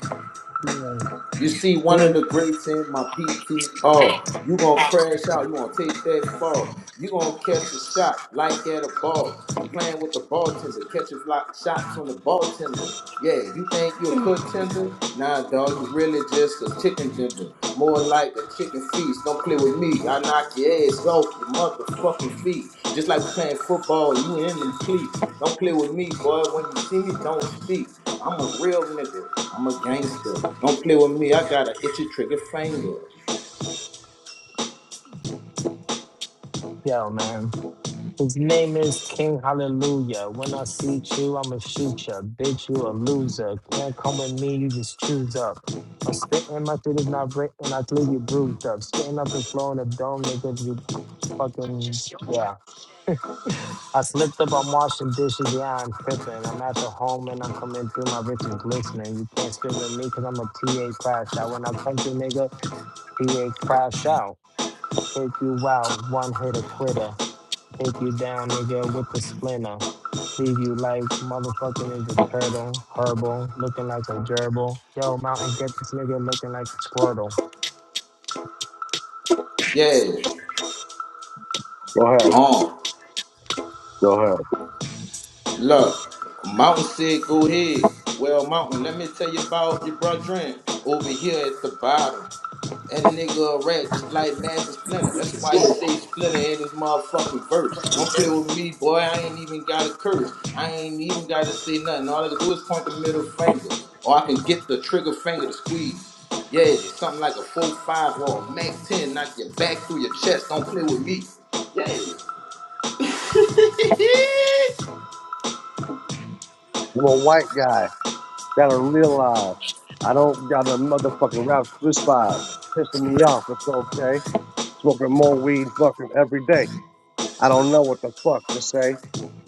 Yeah, You see one of King. the greats in my PTR. You gonna crash out. You gonna take that fall. You gonna catch a shot like at a ball. You playing with the bartender. Catch a block shot from the bartender. Yeah, you think you a contender? Nah, dog. You really just a chicken vendor. More like a chicken feast. Don't play with me. I knock your ass off your motherfucking feet. Just like you playing football and you in them cleats. Don't play with me, boy. When you see me, don't speak. I'm a real nigga. I'm a gangster. Don't play with me. I got an itchy trigger finger. Yo, man. His name is King Hallelujah. When I see you, I'ma shoot ya. Bitch, you a loser. Can't come with me, you just choose up. I'm spitting, my shit is not breaking, I clear you bruised up. Spitting up the floor in the dome, they give you fucking, yeah. I slipped up. I'm washing dishes. Yeah, I'm tripping. I'm at the home and I'm coming through. My riches glistening. You can't spit with me because I'm a TA crash out. When I come through, nigga, TA crash out. Take you out. One hit a quitter. Take you down, nigga, with the splinter. Leave you like motherfucking is a turtle. Herbal. Looking like a gerbil. Yo, mountain, get this nigga looking like the Squirtle. Yeah. Go ahead. Um. Go ahead. Look. Mountain said, go ahead. Well, Mountain, let me tell you about your brethren over here at the bottom. That nigga a rat, just like Master Splinter. That's why he say Splinter in his motherfucking verse. Don't play with me, boy. I ain't even got a curse. I ain't even got to say nothing. All I can do is point the middle finger, or I can get the trigger finger to squeeze. Yeah, something like a four five or a Mac ten, knock your back through your chest. Don't play with me. Yeah. I'm a white guy. Gotta realize I don't got a motherfucking rap split five. Pissing me off. It's okay. Smoking more weed fucking every day. I don't know what the fuck to say.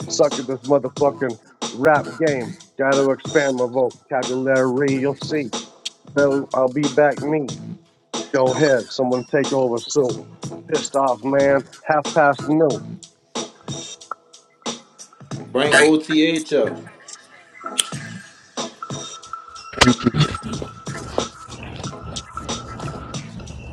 Suck at this motherfucking rap game. Gotta expand my vocabulary. You'll see. So I'll be back me. Go ahead. Someone take over soon. Pissed off, man. Half past noon. Bring OTH up.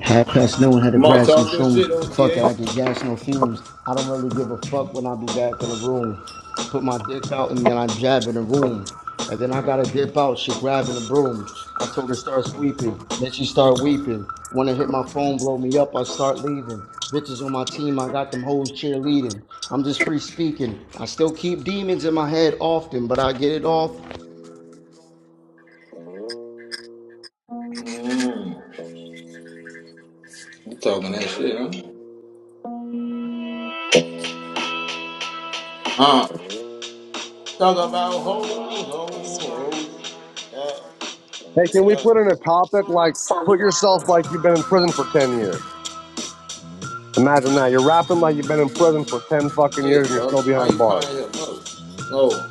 Half past noon, had to Come on, grab some talk your shrooms. shit, Fuck it, I OTH. get gas, no fumes. I don't really give a fuck when I be back in the room. Put my dick out and then I jab in the room. And then I gotta dip out, she grabbing a broom. I told her start sweeping, then she start weeping. Wanna hit my phone, blow me up, I start leaving. Bitches on my team, I got them hoes cheerleading. I'm just free speaking. I still keep demons in my head often, but I get it off Mm, you talking that shit, huh? Uh, Talk about ho, ho, ho. Yeah, Hey, can we yeah. put in a topic like put yourself like you've been in prison for 10 years? Imagine that. You're rapping like you've been in prison for 10 fucking That's years and it, you're still bro. Why behind you bars. calling him up? Oh,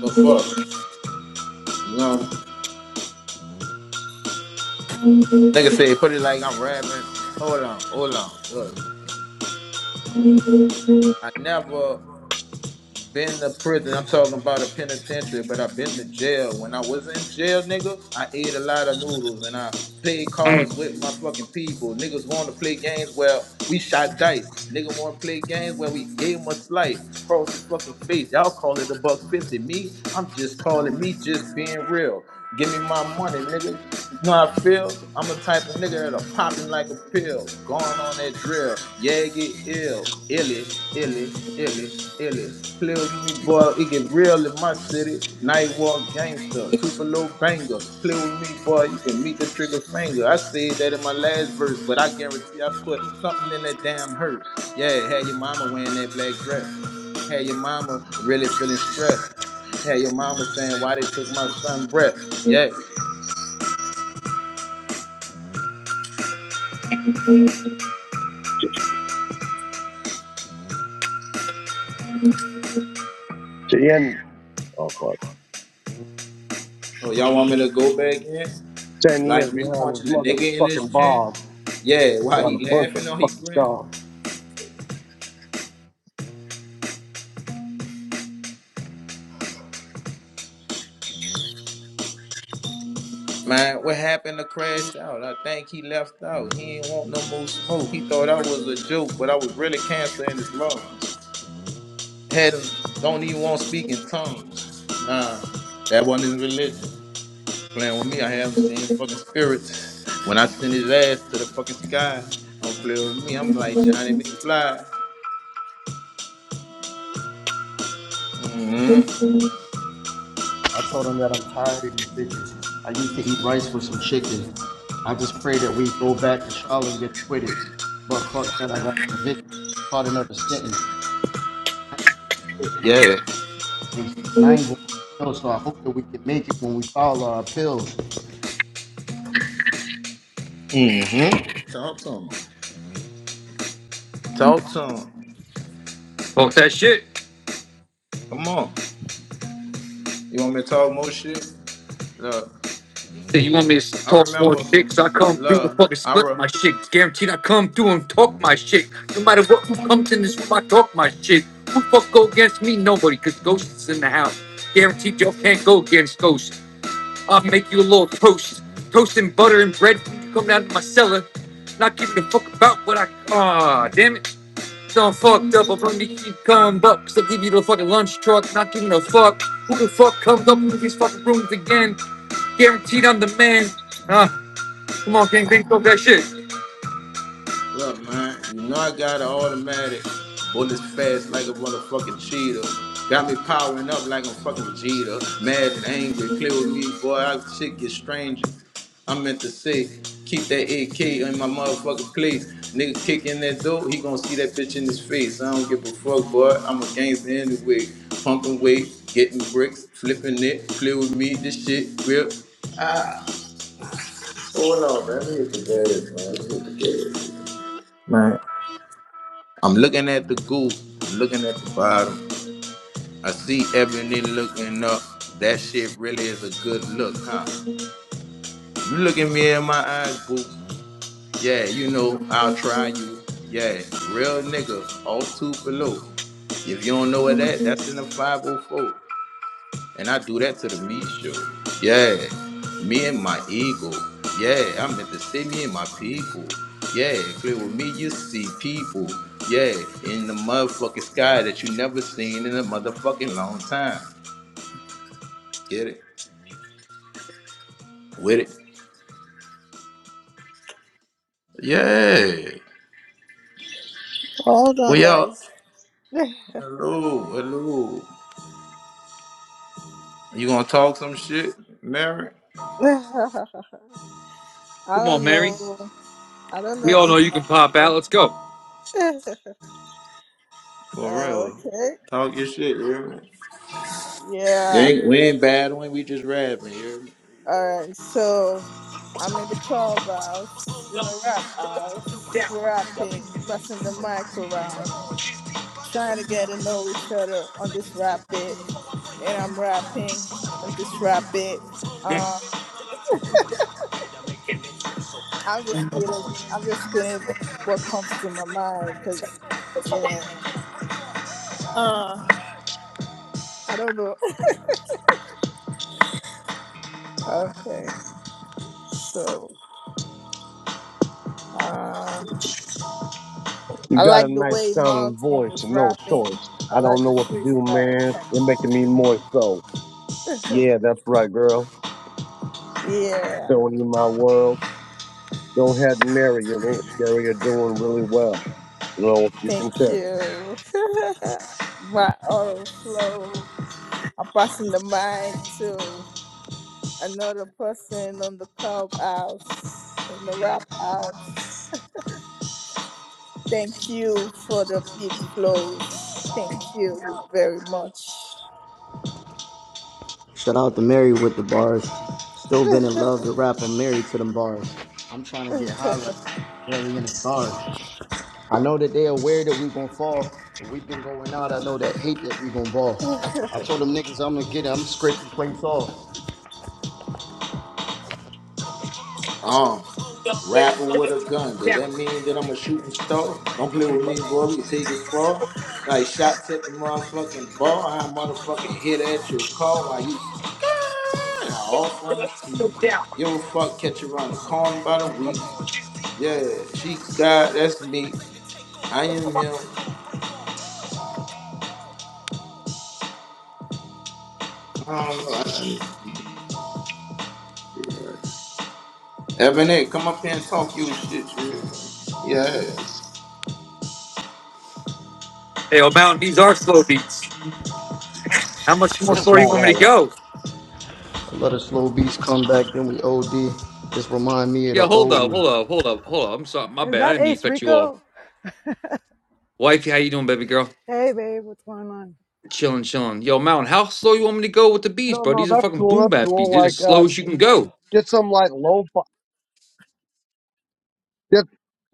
the fuck. You know, nigga say put it like I'm rapping. Hold on, hold on. Look, I never. Been to prison. I'm talking about a penitentiary, but I've been to jail. When I was in jail, nigga, I ate a lot of noodles and I played cards with my fucking people. Niggas want to play games where we shot dice. Nigga want to play games where we gave him a slice across his fucking face. Y'all call it a buck fifty. Me, I'm just calling me just being real. Give me my money, nigga. You know how I feel? I'm the type of nigga that'll pop him like a pill. Going on that drill. Yeah, get ill. Illy, illy, illy, illy play with me, boy. It get real in my city. Night walk gangster, Tupelo banger. Play with me, boy. You can meet the trigger finger. I said that in my last verse, but I guarantee I put something in that damn hearse. Yeah, had your mama wearing that black dress. Had your mama really feeling stressed. Had your mama saying why they took my son breath. Yeah. Ch- ch- Oh, fuck. Oh, y'all want me to go back in? 10 Like years me behind this punching a nigga in his motherfucking chin? bars. Yeah, while Got a he bunch of laughing or he fucking grin? scars. Man, what happened to Crash Out? I think he left out. He ain't want no more smoke. He thought I was a joke, but I was really cancer in his lungs. Had him, don't even want to speak in tongues. Nah, that wasn't his religion. Playing with me, I have him seeing fucking spirits. When I send his ass to the fucking sky, don't play with me. I'm like Johnny McFly. Mm-hmm. I told him that I'm tired of these bitches. I used to eat rice with some chicken. I just pray that we go back to trial and get acquitted. But fuck that, I got convicted, caught another sentence, Yeah. and I ain't going to jail. So I hope that we can make it when we file our appeals. Mm-hmm. Talk to him. Talk to him. Talk that shit. Come on. You want me to talk more shit? Look. Hey, you want me to I talk more remember, shit? 'Cause I come through and look, fucking I split re- my shit. It's guaranteed I come through and talk my shit. No matter what, who comes in this room, I talk my shit. Who fuck go against me? Nobody, cause ghosts in the house. Guaranteed y'all can't go against ghosts. I'll make you a little toast. Toast and butter and bread you come down to my cellar. Not giving a fuck about what I. Ah, damn it. I'm fucked up, but me keep coming up. Cause I give you the fucking lunch truck, not giving a fuck. Who the fuck comes up into these fucking rooms again? Guaranteed I'm the man. Ah, come on, gang, think of that shit. look, man. You know I got an automatic, bullets fast like a motherfucking cheetah. Got me powering up like I'm fucking Vegeta, mad and angry. Play with me, boy. I shit get stranger. I meant to say, keep that AK in my motherfucking place. Nigga kicking that door, he gonna see that bitch in his face. I don't give a fuck, boy. I'm a gangster anyway. Pumping weight, getting bricks, flipping it. Play with me, this shit real. Oh no, man, we hit the gas, man. We hit the gas. Man, I'm looking at the goo. I'm looking at the bottom. I see Ebony looking up. That shit really is a good look, huh? You looking me in my eyes, boo. Yeah, you know, I'll try you. Yeah, real nigga, all two below. If you don't know what that, that's in the 504. And I do that to the meat show. Yeah. Me and my ego. Yeah. I meant to say me and my people. Yeah. Play with me, you see people. Yeah. In the motherfucking sky that you never seen in a motherfucking long time. Get it? With it? Yeah. hold Well, on, y'all. guys. I Hello. Hello. You gonna talk some shit, Mary? Come on, don't Mary. know. I don't We know all know if you my. can pop out. Let's go. For Oh, real. okay. Talk your shit, you hear me? You Yeah. ain't- we ain't battling, we just rapping, you hear All right. So I'm in the clubhouse, in the rap house, rapping, passing the mic around. trying to get to know each other on this rapid and I'm rapping on this rapid. Uh, I'm just spitting. I'm just spitting what comes to my mind because, you know, uh, I don't know. Okay, so uh, You I got like a the nice way sounding Mountain voice was and no rapping. choice. I I like don't know the what to do, freestyle. man. You're making me moist, though. comes. Yeah, that's right, girl. yeah, Showing you my world. Go ahead and marry him. Aunt Sherry are doing really well. You know, you thank can tell. you. my oral flow. I'm passing the mic to. another person on the clubhouse, in the rap house. Thank you for the beat flows. Thank you very much. Shout out to Mary with the bars. Still yo, been in love with rapper Mary to them bars. I'm trying to get high right now. I'm barely in the stars. I know that they're aware that we gonna fall. But we've been going out. I know that hate that we gonna ball. I told them niggas I'm gonna get it. I'm scraping plates off. me? Rapper with a gun. Does that mean that I'm a shooting star? Don't play with me, boy. We can take it far. Like shots at the motherfucking ball. I motherfucking hit at your car while you scared off on the street. Give a fuck, catch you around the corner by the week. Yeah, she's God, that's me. I am him. I don't know. I just- Ebony, come up here and talk your shit, you hear me? Yeah. Hey, oh, Mountain, these are slow beats. How much more It's slow you Right, want me right, to right. go? a lot of slow beats come back, then we OD. This remind me of Yeah, the hold old up, me. hold up, hold up, hold up. I'm sorry, my Is bad. I that didn't mean to Ace cut you off. Rico? Wifey, how you doing, baby girl? Hey, babe, what's going on? Chilling, chilling. Yo, Mountain, how slow you want me to go with the beats, No, bro? no, These are that's fucking cool. boom That's bap beats. cool. They're Like, as slow uh, as you can go. get some like lo-fi. Get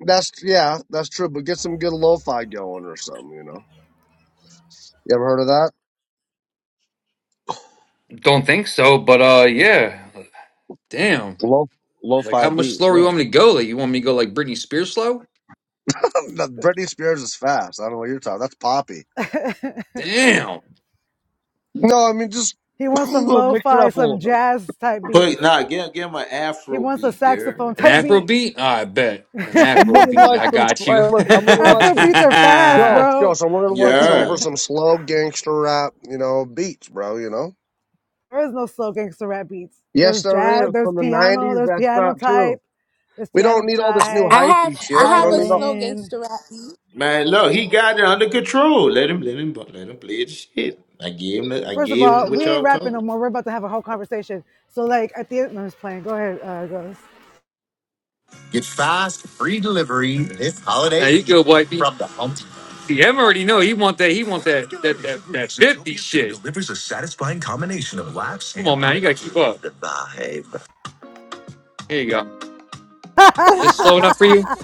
that's yeah, that's true. But get some good lo-fi going or something. You know, you ever heard of that? Don't think so, but uh, yeah. Damn. Lo Like, lo-fi how much beats. slower Yeah. you want me to go? Like, you want me to go like Britney Spears slow? No, Britney Spears is fast. I don't know what you're talking. That's poppy. Damn. No, I mean just He mix wants some it lo-fi, up a little some bit. jazz type Put beats. nah, give give him an He afro wants a beat, you hear me? saxophone An type Afro beat. beat? I bet. An I'm Afro looking beat. like I some. got you. I now look- I'm looking like Afro some. beats are fast, Ghost, bro. ghost. I'm looking like some for Yeah. some slow gangster rap, you know, beats, bro. You know. There is no slow gangster rap beats. Yes, There's there jazz, is. there's From the piano, '90s, there's that's piano not true. type, there's We don't piano need all this new type, I hypey have I shit. We have don't a need all. slow violin. gangster rap. beat. Man, look, he got it under control. Let him, let him, let him play his shit. I gave him, the, I First of gave him all, what we ain't y'all talking. rapping no more. We're about to have a whole conversation. So, like, at the end, no, I'm just playing. Go ahead, uh, Ghost. Today, you go, wifey. from the See, him already know he want that. He want that that that that fifty shit. delivers a satisfying combination of laughs Come and on, man. You gotta keep up. Here you go. This slow enough for you?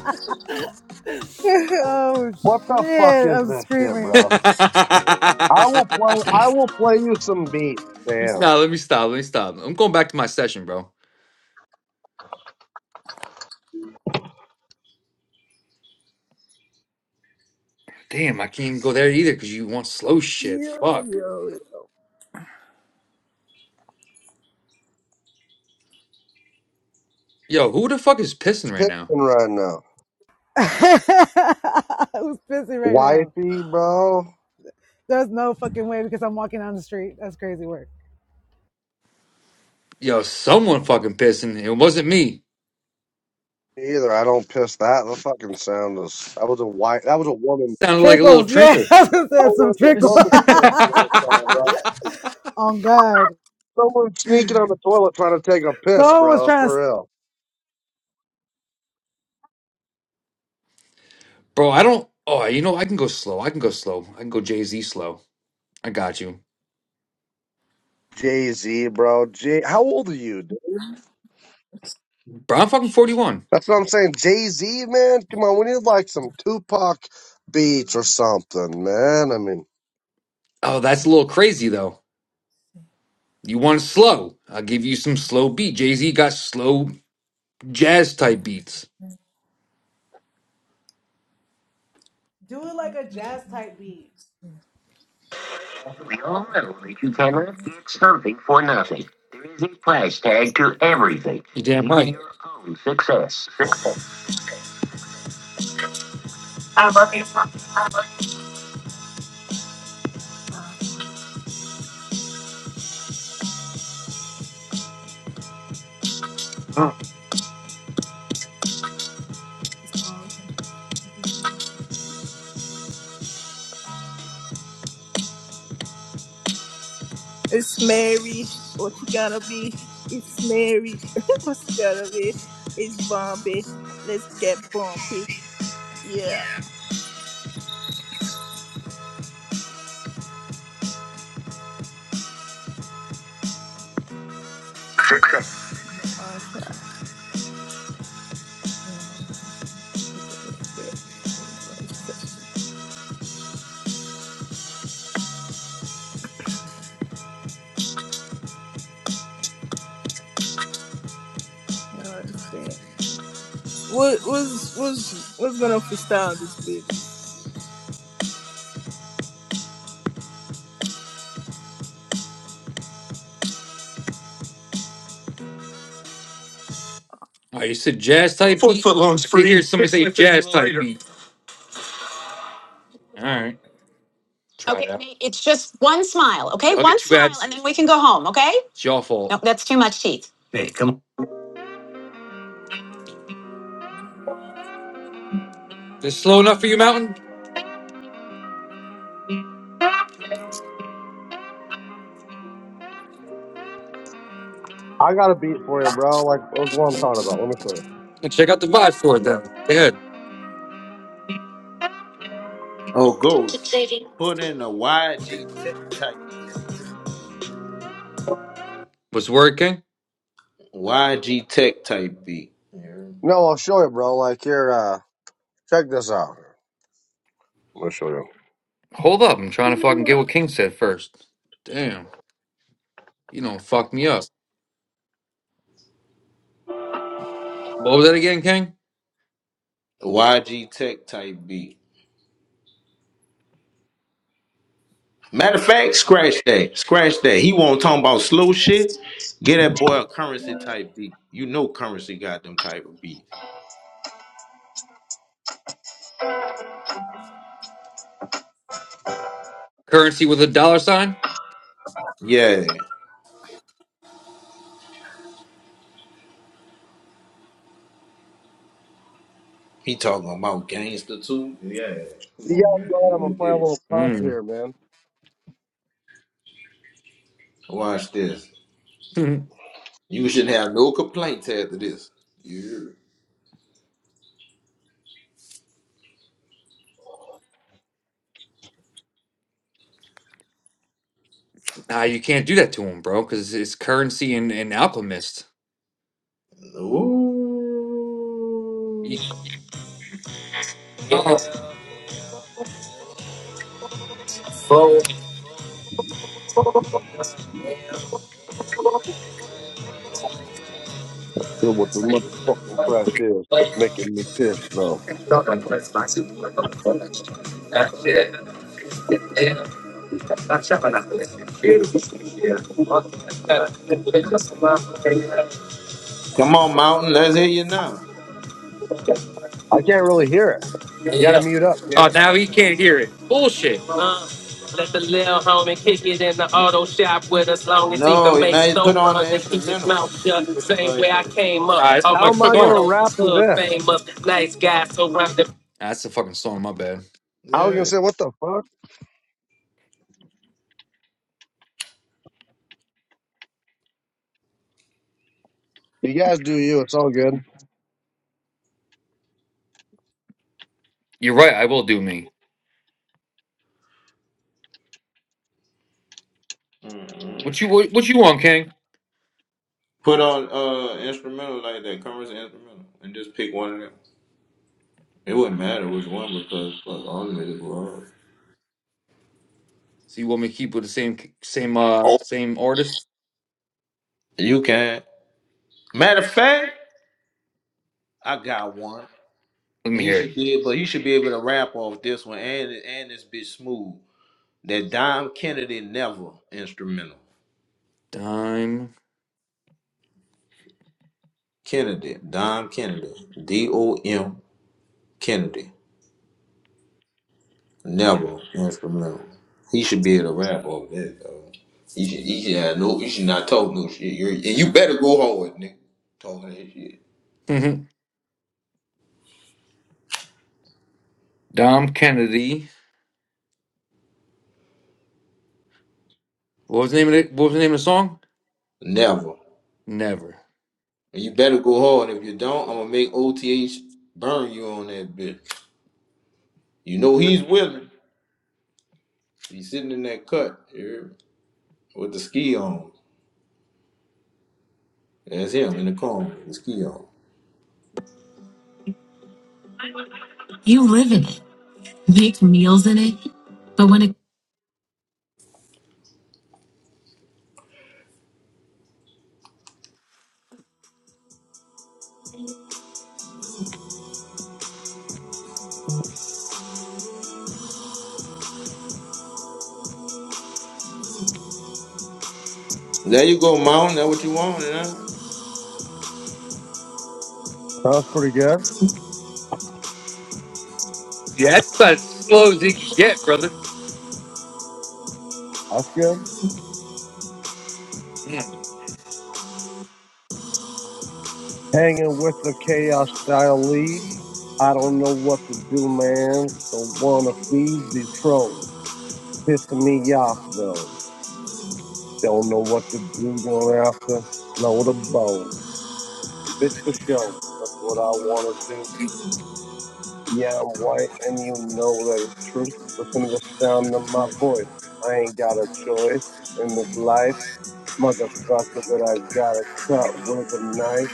oh, What the fuck shit. is I'm this shit, screaming. bro? I will play. I will play you some beats. no, Damn, let me stop. Let me stop. I'm going back to my session, bro. Damn, I can't even go there either because you want slow shit. yo, Fuck. yo. Yo, who the fuck is it's pissing right now? pissing right now. I was busy right now. Wifey, bro. There's no fucking way because I'm walking down the street. That's crazy work. Yo, someone fucking pissing. It wasn't me. Me Either I don't piss that. The fucking sound is. That was a wife. That was a woman. Sounded like a little Trickles, yeah, trinkle. That that's some was a trickle. woman piss last time, bro. oh God, Someone sneaking on the toilet trying to take a piss, someone was bro. trying to For real. Bro, I don't. Oh, you know, I can go slow. I can go slow. I can go Jay Z slow. I got you. Jay Z, bro. Jay, how old are you, dude? Bro, I'm fucking 41. That's what I'm saying. Jay Z, man, come on, we need like some Tupac beats or something, man. I mean, Oh, that's a little crazy though. You want slow? I'll give you some slow beat. Jay Z got slow jazz type beats. do it like a jazz type beat. You damn right. Ah, It's on. It's Mary. What you gonna be? It's Mary. what you gonna be? It's Bombay. Let's get bumpy. Yeah. My frat. Oh, look at this bit. Oh, that's bad. What was was was gonna freestyle this bitch? All right, you said jazz type Four beat. foot long I see here scream. somebody say jazz type beat. All right. try it Okay, it out. it's just one smile, okay? Okay, One too bad. smile, bad. and then we can go home, okay? It's your fault. No, that's too much teeth. This slow enough for you, Mountain? I got a beat for you, bro. Like, what what I'm talking about? Let me show you. And check out the vibe for it then. Go ahead. Oh, Ghost, put in a YG Tech type beat. What's the word, King? YG Tech type beat. No, I'll show you, bro. Like, here, uh, check this out. Let me show you. Hold up, I'm trying to fucking get what King said first. Damn, you don't fuck me up. What was that again, King? YG Tech type beat. Matter of fact, scratch that, scratch that. He won't talking about slow shit. Get that boy a currency type beat. You know, currency got them type of beats. Currency with a dollar sign? Yeah, he talking about gangster too. Yeah, come You on, gotta go man, out. you I'm gonna gonna play a get it. little pub Mm. here, man. Watch this. You shouldn't have no complaints after this. You nah, you can't do that to him, bro, because it's currency and, and alchemist. You- no. Hear what the motherfucking trash is making me piss though. Come on, Mountain. Let's hear you now. I can't really hear it. You gotta Yeah. mute up, Oh, King. now he can't hear it. Bullshit. Uh, let the lil homie kick it in the auto shop with us long as he can No, make man, snow put on the runs and keep his instrumental mouth shut. Same way like I that. came up. Nah, it's All a How my am fucking I song. gonna criminals rap to hood this? famous. Nice guy surrounded. That's the fucking song. My bad. I was gonna Yeah. say, what the fuck? You guys do you. It's all good. You're right. I will do me. Mm-mm. What you what, what you want, King? Put on uh instrumental like that, covers the instrumental, and just pick one of them. It wouldn't matter which one because fuck, all of them is wrong. So you want me to keep with the same same uh Oh, same artist? you can. Matter of fact, I got one. Let me He hear should it. be able. He should be able to rap off this one and and this bitch smooth. That Dom Kennedy never instrumental. Dime Kennedy, Dom Kennedy, D O M Kennedy, never instrumental. He should be able to rap over that though. He should, he should have no, he should not talk no shit. You're, and you better go hard, nigga. Talking that shit. Dom Kennedy. What was the name of it? What was the name of the song? Never. Never. And you better go hard. If you don't, I'm gonna make OTH burn you on that bitch. You know he's willing. He's sitting in that cut here with the ski on. That's him in the car with the ski on. There you go, Mount. That what you want, you know? Sounds pretty good. Yeah, that's about as slow as it can get, brother. That's good. Mm, Hanging with the Chaos Style League. I don't know what to do, man. Don't wanna feed these trolls. Pissing me off though. Don't know what to do. Going after load a bow. Bitch for show. That's what I wanna do. Yeah, I'm white and you know that it's true. Listen to the sound of my voice. I ain't got a choice in this life. Motherfucker that I gotta cut with a knife.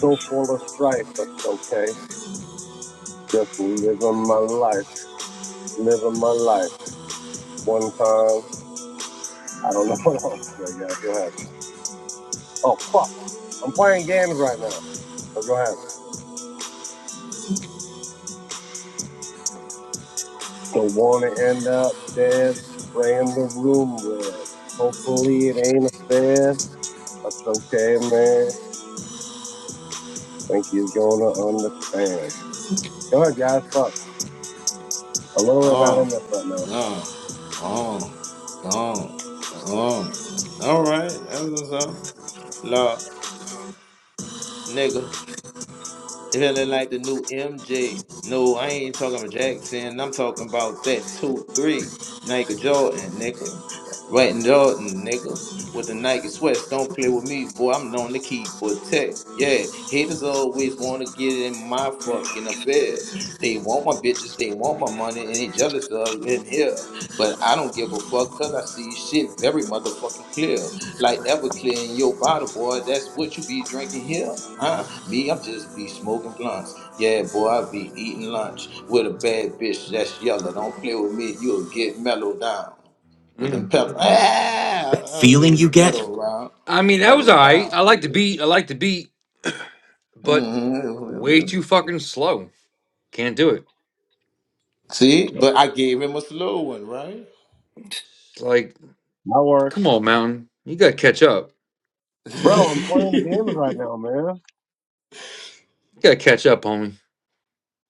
So full of strife, that's okay. Just living my life, living my life. One time, I don't know what else. to say, guys. go ahead. Oh fuck, I'm playing games right now. So go ahead. Don't wanna end up dead, spraying the room red. Hopefully it ain't a fed. That's okay, man. Think he's gonna understand. Go ahead, guys. Fuck. I'm literally not in Oh, this right now. no. Oh, oh, oh. All right. That's what's up. Lord, nigga. Feeling like the new MJ. No, I ain't talking about Jackson. I'm talking about that 2 3. Nike Jordan, nigga. Right, and Jordan, nigga. With the Nike sweats, don't play with me, boy. I'm known to keep but tech. Yeah, haters always want to get in my fucking affairs. They want my bitches, they want my money, and they jealous of in here. But I don't give a fuck, cause I see shit very motherfucking clear. Like Everclear in your bottle, boy. That's what you be drinking here, huh? Me, I'm just be smoking blunts. Yeah, boy, I be eating lunch with a bad bitch that's yellow. Don't play with me, you'll get mellowed down with the mm. pedal. Ah, I was there with the metal around, I mean, that was metal all right. down. I like the Yeah. beat. I like the beat, but way hmm too fucking slow. Can't do it. See, but I gave him a slow one, right? It's like, That come works. on, Mountain. You gotta catch up. Bro, I'm playing games right now, man. You gotta catch up, homie.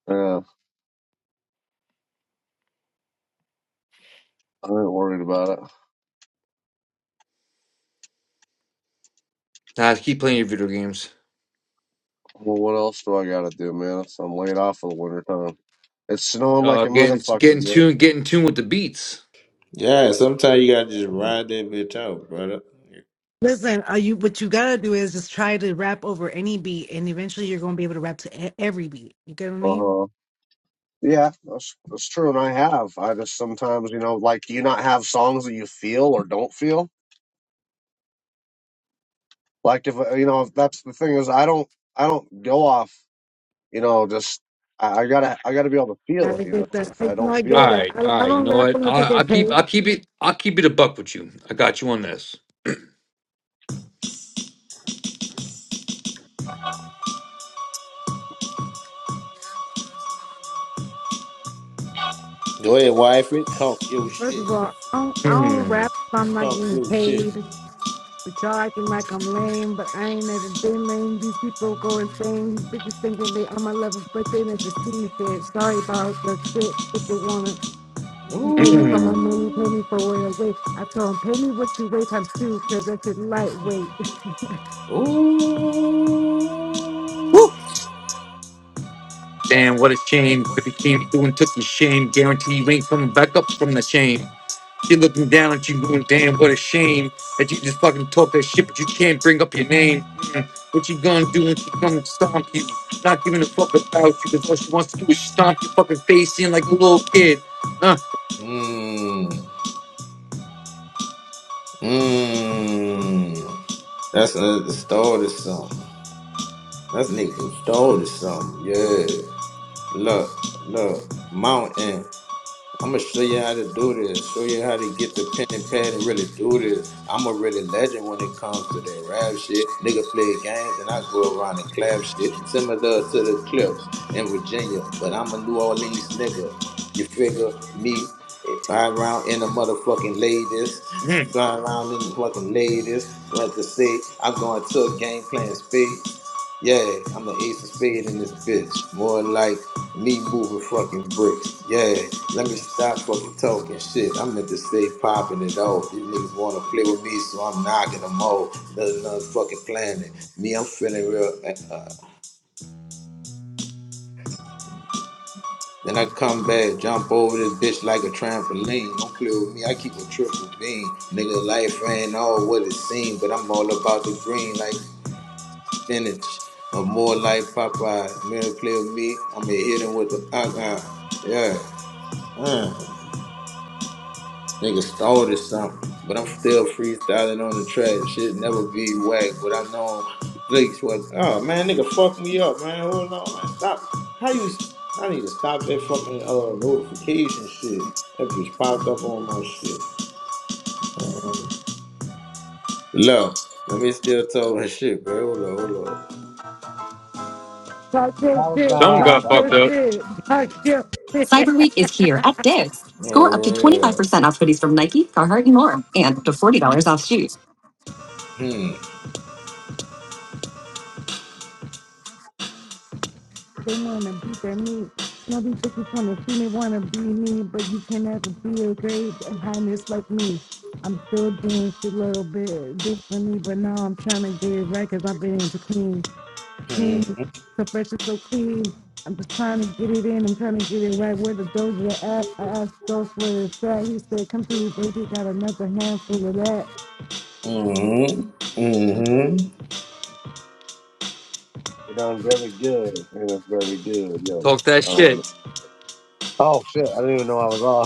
Yeah, I ain't worried about it. Nah, just keep playing your video games. Well, what else do I gotta do, man? So I'm laid off for the winter time. It's snowing like Uh, a getting motherfucker, getting man. tuned. getting tuned with the beats. yeah, sometimes you gotta just ride that bitch out, brother. Listen, are you what you gotta do is just try to rap over any beat, and eventually you're gonna be able to rap to e- every beat. You get what I Uh mean? huh. Yeah, that's that's true, and I have. I just sometimes, you know, like, do you not have songs that you feel or don't feel? Like, if uh, you know, if that's the thing is, I don't, I don't go off, you know, just I, I gotta, I gotta be able to feel I it, you know. get that. If I, I no, don't I All get feel it, that. right, I don't, all I right. You don't know rap what? unless I, I I'll get keep I'll paid. keep it I'll keep it a buck with you. I got you on this. Go ahead, wife it. Talk your First of shit. all, I don't, I don't Hmm. rap if I'm not Talk getting your shit. paid. But y'all acting like I'm lame, but I ain't never been lame. These people go insane. These bitches thinking they on my level, but they never see me shit. Sorry about your shit. If you wanna, you pay me for my money, pay Ooh. me for what I weigh. I told 'em, pay me what you weigh times two, cause I shit lightweight. Woo! Ooh. Damn, what a shame. If he came through and took your shame, guarantee you ain't coming back up from the shame. She looking down at you, going, "Damn, what a shame that you just fucking talk that shit, but you can't bring up your name." Mm. What you gonna do when she come and stomp you? Not giving a fuck about you, because all she wants to do is stomp your fucking face in like a little kid. Uh, Mmm. Mmm. That's another story to song. That's nigga stole something. Yeah. Look, look, mountain. I'm gonna show you how to do this. Show you how to get the pen and pad and really do this. I'm a really legend when it comes to that rap shit. Nigga play games and I go around and clap shit. Similar to the clips in Virginia, but I'm a New Orleans nigga. You figure me ride around in the motherfucking ladies, mm. fly around in the fucking ladies. What to say? I'm going to a game playing spades. Yeah, I'm the ace of spade in this bitch. More like me moving fucking bricks. Yeah, let me stop fucking talking shit. I'm meant to stay popping it off. These niggas wanna play with me, so I'm knocking them off. There's another fucking planet. Me, I'm feeling real. Uh, uh. then I come back, jump over this bitch like a trampoline. Don't play with me, I keep a triple beam. Nigga, life ain't all what it seems, but I'm all about the green like spinach, or more like Popeye. Man, play with me. I'm gonna hit him with the uh Yeah. Uh. Nigga started something, but I'm still freestyling on the track. Shit never be whack, but I know Blake's what. Oh man, nigga, fuck me up, man. Hold on, man, stop. How you? I need to stop that fucking uh notification shit. That bitch popped up on my shit. Look, let me still talk my shit, bro. Hold on, hold Talk your shit, talk your shit, talk your Cyber shit. Week is here at Dick's. on. Score up to All right. 25% off hoodies from Nike, Carhartt, and more, and up to $40 off shoes. Hmm. They want to beat their meat. You know, these bitches want to see me, want to be me, but you can never be a great highness like me. I'm still doing shit a little bit differently, but now I'm trying to get it right because I've been into clean Hmm. clean, profession so clean. I'm just trying to get it in. I'm trying to get it right where the doja at. I asked Ghost where it's at. He said, come through, baby. Got another handful of that. Mm-hmm. Mm-hmm. you know, I'm very good, and it's very good, yo. Talk that shit. Um, oh shit, I didn't even know I was off.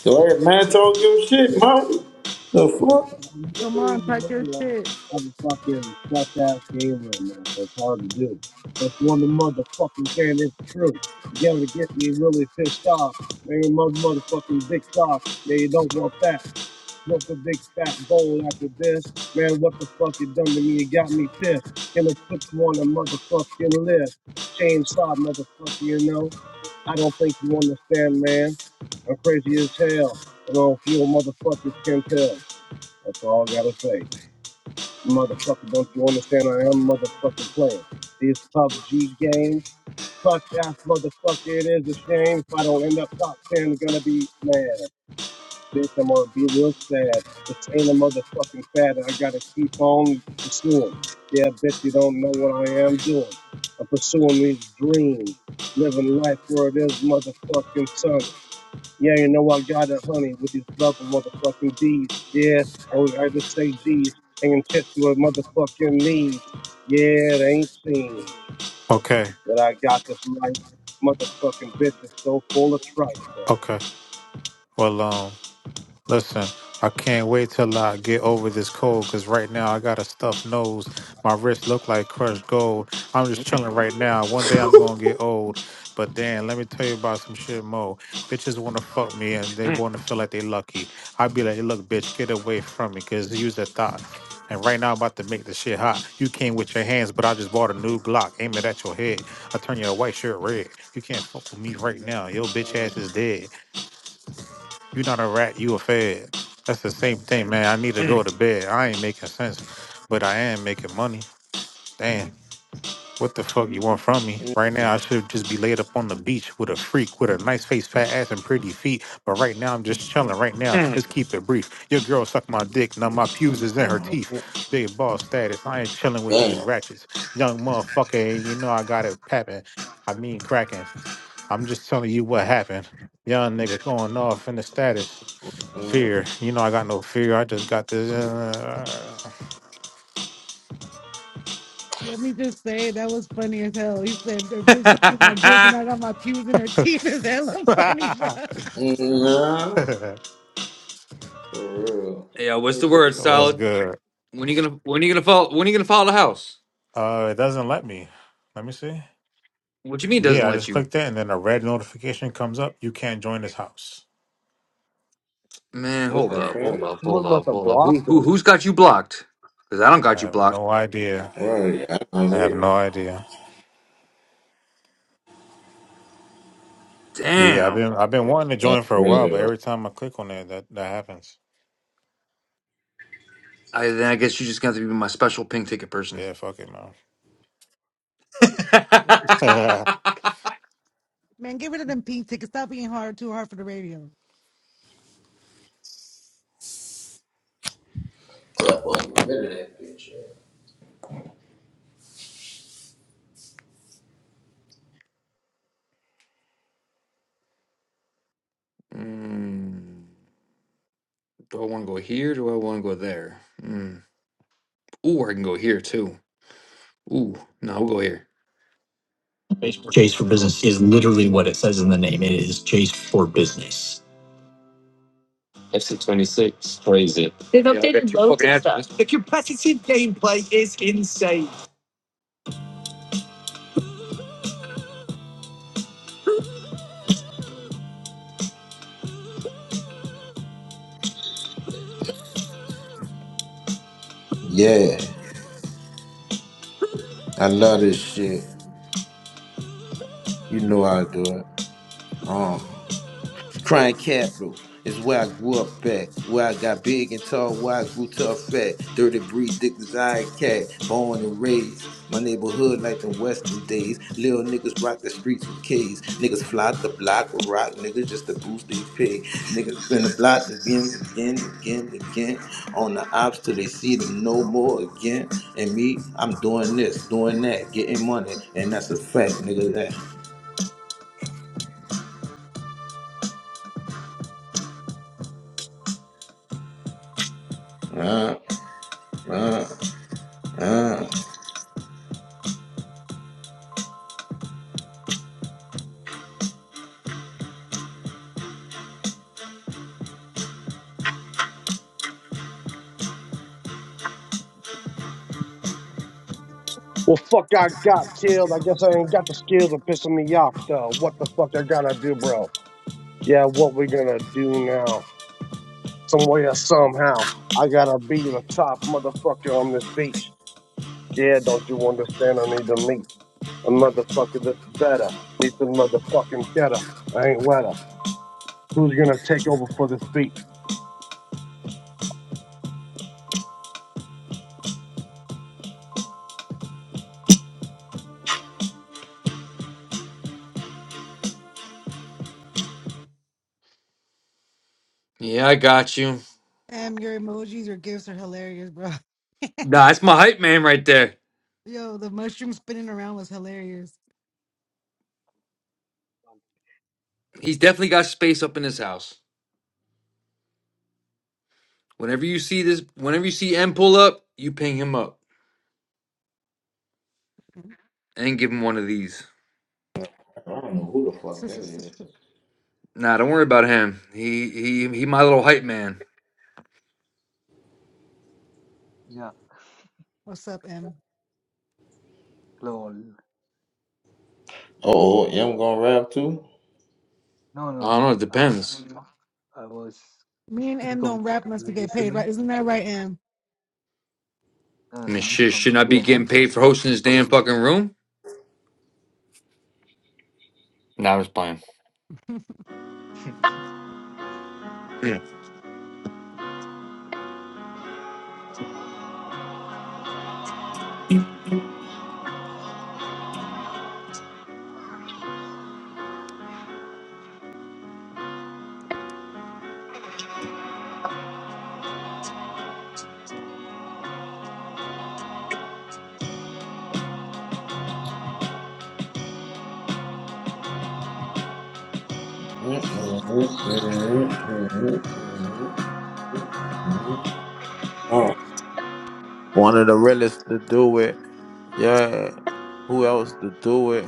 So let that man, talk your shit, man. The fuck? I'm Come literally on, in the talk your middle of shit. a, of a fucking fuck ass game right now, so it's hard to do. That's one of the motherfucking thing it's true. You gotta get me really pissed off. Make a mother motherfucking big soft. Yeah, you don't want that. Smoke a big fat bowl after this. Man, what the fuck you done to me? You got me pissed. Gonna put you on a motherfucking list. Chainsaw motherfucker, you know. I don't think you understand, man. I'm crazy as hell. And all few motherfuckers can tell. That's all I gotta say. Motherfucker, don't you understand? I am motherfucking playing. This PUBG game, clutch ass motherfucker, it is a shame. If I don't end up top 10, gonna be mad. Bitch, I'm gonna be real sad. This ain't a motherfucking fad that I gotta keep on pursuing. Yeah, bitch, you don't know what I am doing. I'm pursuing these dreams, living life where it is motherfucking sunny. Yeah, you know I got the honey with these love motherfucking D's. Yeah, oh, I just say G's. Hanging tits with motherfucking knees. Yeah, it ain't seen. Okay, that I got this life. Motherfucking bitch is so full of tripe, though. okay. Well, um, listen, I can't wait till I get over this cold because right now I got a stuffed nose. My wrist look like crushed gold. I'm just Mm. chilling right now. One day I'm gonna get old. But then let me tell you about some shit, Mo. Bitches wanna fuck me and they wanna feel like they lucky. I'd be like, look, bitch, get away from me because use that thought. And right now I'm about to make the shit hot. You came with your hands, but I just bought a new Glock. Aim it at your head. I turn your white shirt red. You can't fuck with me right now. Your bitch ass is dead. You're not a rat, you a fed. That's the same thing, man. I need to go to bed. I ain't making sense, but I am making money. Damn, what the fuck you want from me? Right Mm-hmm. now, I should just be laid up on the beach with a freak with a nice face, fat ass, and pretty feet. But right now, I'm just chilling. Right now, let's keep it brief. Your girl sucked my dick. Now my pubes is in her teeth. Big boss status. I ain't chilling with these Damn. ratchets. Young motherfucker, and you know I got it papping. I mean cracking. I'm just telling you what happened. Young nigga going off in the status. Mm-hmm. Fear. You know I got no fear. I just got this. uh, Let me just say that was funny as hell. He said, "The bitch sucking my dick and I got my pews in her teeth." Is hella funny, bro. Nah, for real. yeah, what's the word, What's solid? good? When you gonna when you gonna follow when you gonna follow the house? Uh, it doesn't let me. Let me see. What you mean doesn't Yeah, I let just you? clicked it, and then a red notification comes up. You can't join this house. Man, What hold the up, hold fuck? up, hold Someone must up, have hold up. Who blocked who him. who's got you blocked? Because I don't I got you have blocked. no idea. Right, I don't I have need it. no idea. Yeah, I've Damn. been I've been wanting to That's join for a while, really but every time I click on it, that that happens. I then I guess you just got to be my special pink ticket person. Yeah, fuck it, man. Man, get rid of them pink tickets. Stop being hard too hard for the radio. right. Mm, do I want to go here? Do I want to go there? Mm. Ooh, I can go here too. Ooh, no, we'll go here. They've Yeah, I got updated your loads fucking of address. stuff. this. Yeah, I love this shit. You know I do it. Um. Crime Capital is where I grew up at, where I got big and tall, where I grew tough fat, dirty breed, dick desire, cat, born and raised. My neighborhood like the western days. Little niggas rock the streets with K's. Niggas fly the block with rock niggas just to boost their pay. Niggas spin the block again, again, again, again. On the ops till they see them no more again. And me, I'm doing this, doing that, getting money. And that's a fact, nigga, that. Uh, uh, uh. Well, fuck, I got killed. I guess I ain't got the skills of pissing me off, though. What the fuck I gotta do, bro? Yeah, what we gonna do now? Some way or somehow, I gotta be the top motherfucker on this beach. Yeah, don't you understand? I need to meet. A motherfucker that's better needs some motherfucking cheddar. I ain't wetter. Who's gonna take over for this beat? Yeah, I got you. Um, your emojis, your gifts are hilarious, bro. Nah, that's my hype man right there. Yo, the mushroom spinning around was hilarious. He's definitely got space up in his house. Whenever you see this, whenever you see M pull up, you ping him up and give him one of these. I don't know who the fuck that is. Nah, don't worry about him. He he he my little hype man. Yeah, What's up, M? lol. Oh, I'm gonna rap too. No, I no. don't know, it Uh, depends. Mm. I was Me and M don't rap unless we comfortably get paid, right? listening. Isn't that right, M? Uh, I mean I'm shit, from shouldn't I be India, huh? getting paid I'm for not hosting this from damn India. fucking room? Nah, I was playing. Oh, one of the realest to do it. Yeah. Who else to do it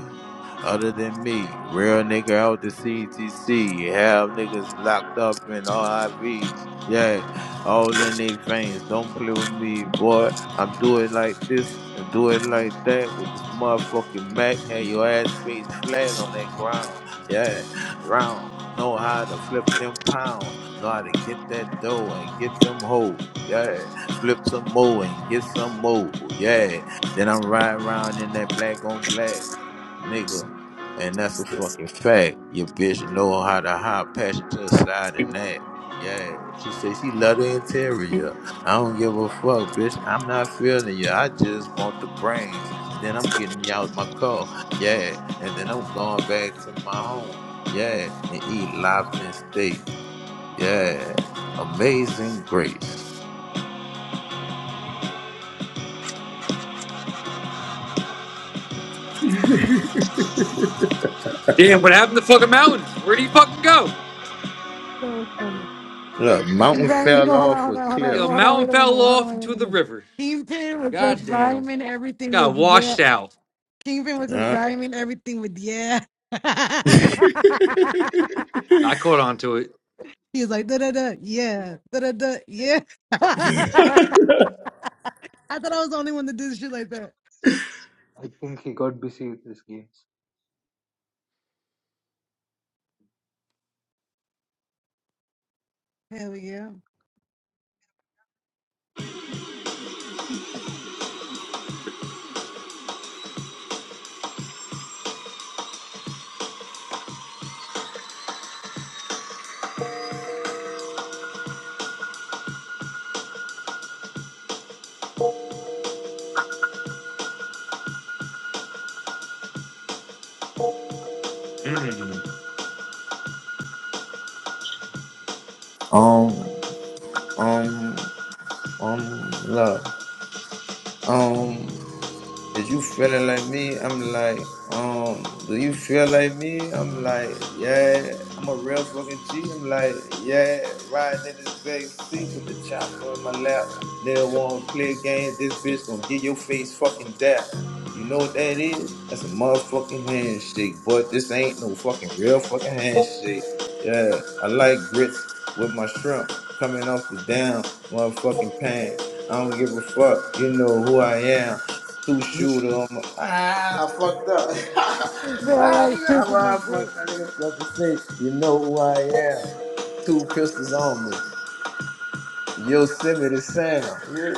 other than me? Real nigga out the CTC. Have niggas locked up in RIVs. Yeah. all in their veins. Don't play with me, boy. I'm doing like this and do it like that with this motherfucking Mac. Had your ass face flat on that ground. Yeah, round. Know how to flip them pounds. Know how to get that dough and get them hoes. Yeah, flip some more and get some more. Yeah, then I'm riding around in that black on black, nigga. And that's a fucking fact. Your bitch know how to hide passion to the side and that. Yeah, she say she love the interior. I don't give a fuck, bitch. I'm not feeling you. I just want the brains, and then I'm getting you out my car. Yeah, and then I'm going back to my home. Yeah, and eat lobster and steak. Yeah, amazing grace. Damn, what happened to fucking mountain? Where'd he fucking go? So funny. Look, He mountain ran, you fell know, hold on, off hold a on, hold on, cliff. no, Yo, hold on, mountain wait a fell minute, hold on, off wait a into the minute. river. Kingpin was God just damn. rhyming everything Got with yeah. washed out. Kingpin was just Yeah. rhyming everything with yeah. I caught on to it. he was like da da da yeah da da da yeah. I thought I was the only one that did shit like that. I think he got busy with this game. Hell yeah. Um, um, um, love. Um. Is you feeling like me? I'm like, um, do you feel like me? I'm like, yeah, I'm a real fucking G. I'm like, yeah, riding in this back seat with the chopper in my lap. Nigga wanna play games, this bitch gonna get your face fucking dap. You know what that is? That's a motherfucking handshake, but this ain't no fucking real fucking handshake. Yeah, I like grits with my shrimp coming off the damn motherfucking pan. I don't give a fuck. You know who I am two shooter. on my- Ah, I fucked up. I feel ah, like nigga, shoot with my I, I grip. fucked up. Nigga supposed to say, you know who I am. Two pistols on me. Yosemite Sound. Yeah.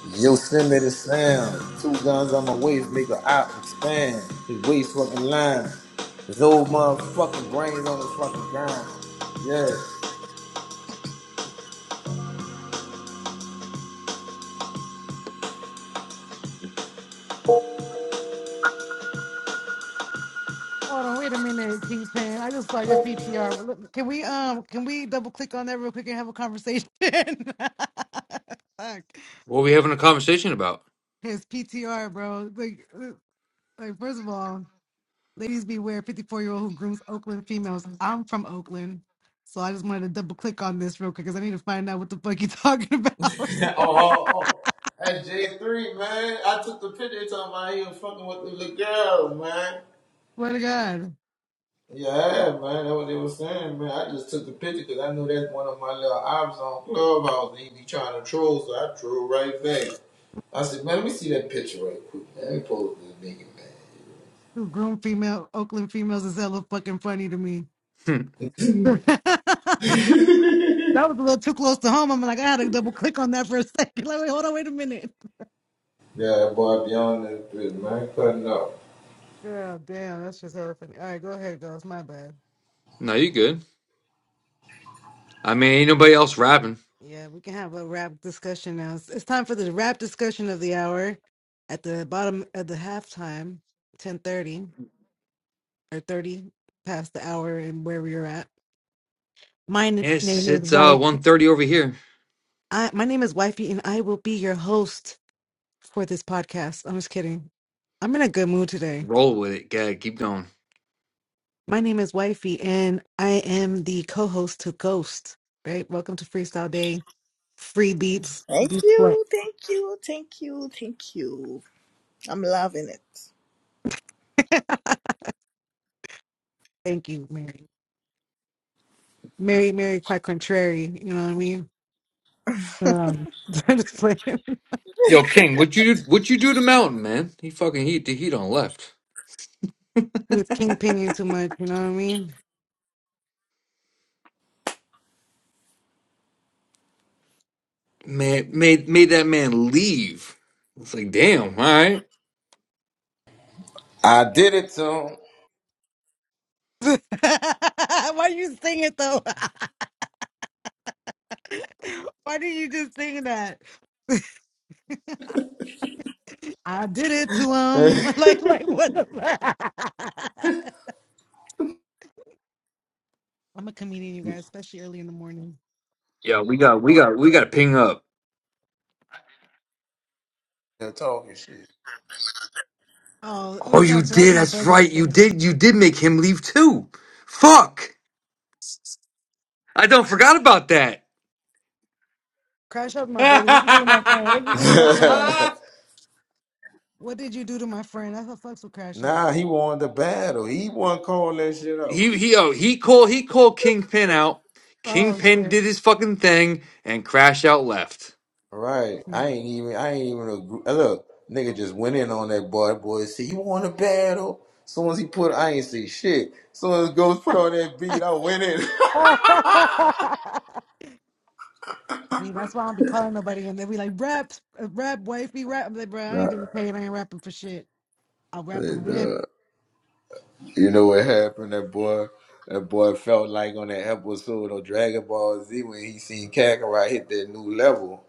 Yosemite Sound. Two guns on my waist, make a op expand. His waist fucking line. His old motherfucking brains on the fucking ground. Yeah. Hold on, wait a minute, Kingpin. I just saw your PPR. Well, look, Can we um can we double click on that real quick and have a conversation? Fuck. What we having a conversation about? His PTR, bro. Like uh, Like, first of all, ladies beware 54 year old who grooms Oakland females. I'm from Oakland. So I just wanted to double click on this real quick because I need to find out what the fuck you're talking about. oh, oh, oh. That's J3, man. I took the picture talking about he was fucking with the little girl, man. What to God. Yeah, man, that's what they was saying, man. I just took the picture because I knew that's one of my little ops on Clubhouse. He be trying to troll, so I troll right back. I said, man, let me see that picture right quick. man. Let me post this nigga, man. Who groom female Oakland females is hella fucking funny to me. Hmm. that was a little too close to home. I'm like, I had to double click on that for a second. Like, wait, hold on, wait a minute. Yeah, that boy beyond this bitch, man, cutting up. Yeah, damn, that's just hella funny. All right, go ahead, girl. It's My bad. No, you good. I mean ain't nobody else rapping. Yeah, we can have a rap discussion now. It's, it's time for the rap discussion of the hour at the bottom of the halftime, 10.30 or 30 past the hour and where we are at. My n- Yes, name is it's uh Wife. one thirty over here. I, my name is Wifey, and I will be your host for this podcast. I'm just kidding. I'm in a good mood today. Roll with it, gag, keep going. My name is Wifey, and I am the co-host to Ghost. Right? Welcome to Freestyle Day. Free beats. Thank Beats what? you, thank you, thank you, thank you. I'm loving it. Thank you, Mary. Mary, Mary, quite contrary. You know what I mean? Um, I'm just playing. Yo, King, what you what you do to Mountain, man? He fucking heat the heat on left. He was kingpinning too much. You know what I mean? Man made made that man leave. It's like, damn, all right. I did it to him. Why you sing it though? Why did you just sing that? I did it to him. Like, like what the? fuck? I'm a comedian, you guys, especially early in the morning. Yeah, we got we got we gotta ping up. They're talking shit. Oh, Oh we're you crashing. That's did, my that's buddy right. right You there. did you did make him leave too. Fuck. I don't forgot about that. Crash out, my buddy. What did you do to my friend? What did you do to my friend? What did you do to my friend? That's what fucks with crash out. nah, he won the battle. He won call that shit out. he he oh he called he called Kingpin out. Oh Kingpin did his fucking thing and Crash out left. Right. I ain't even I ain't even agree. uh, Look, nigga just went in on that boy. Boy said, You want a battle? Soon as he put I ain't say shit. Soon as Ghost put on that beat, I went in. shit. See, that's why I don't be calling nobody and they be like, rap, uh, rap, wifey, rap. I'm like, bro, I Nah, ain't getting paid. I ain't rapping for shit. I'll rap and, again. uh, you know what happened? That boy that boy felt like on that episode of Dragon Ball Z when he seen Kakarot hit that new level.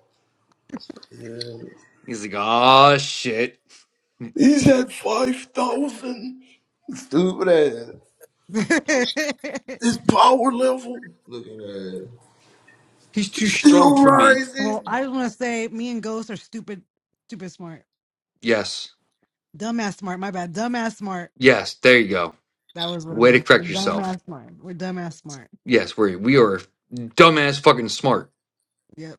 He's like, oh shit. He's at five thousand. Stupid ass. His power level. Looking at it. He's too strong Still for me. well, rising. I just want to say, me and Ghost are stupid, stupid smart. Yes. Dumbass smart. My bad. Dumbass smart. Yes, there you go. That was what it Way to was. We're correct yourself. dumbass smart. We're dumbass smart. Yes, we we are dumbass fucking smart. Yep.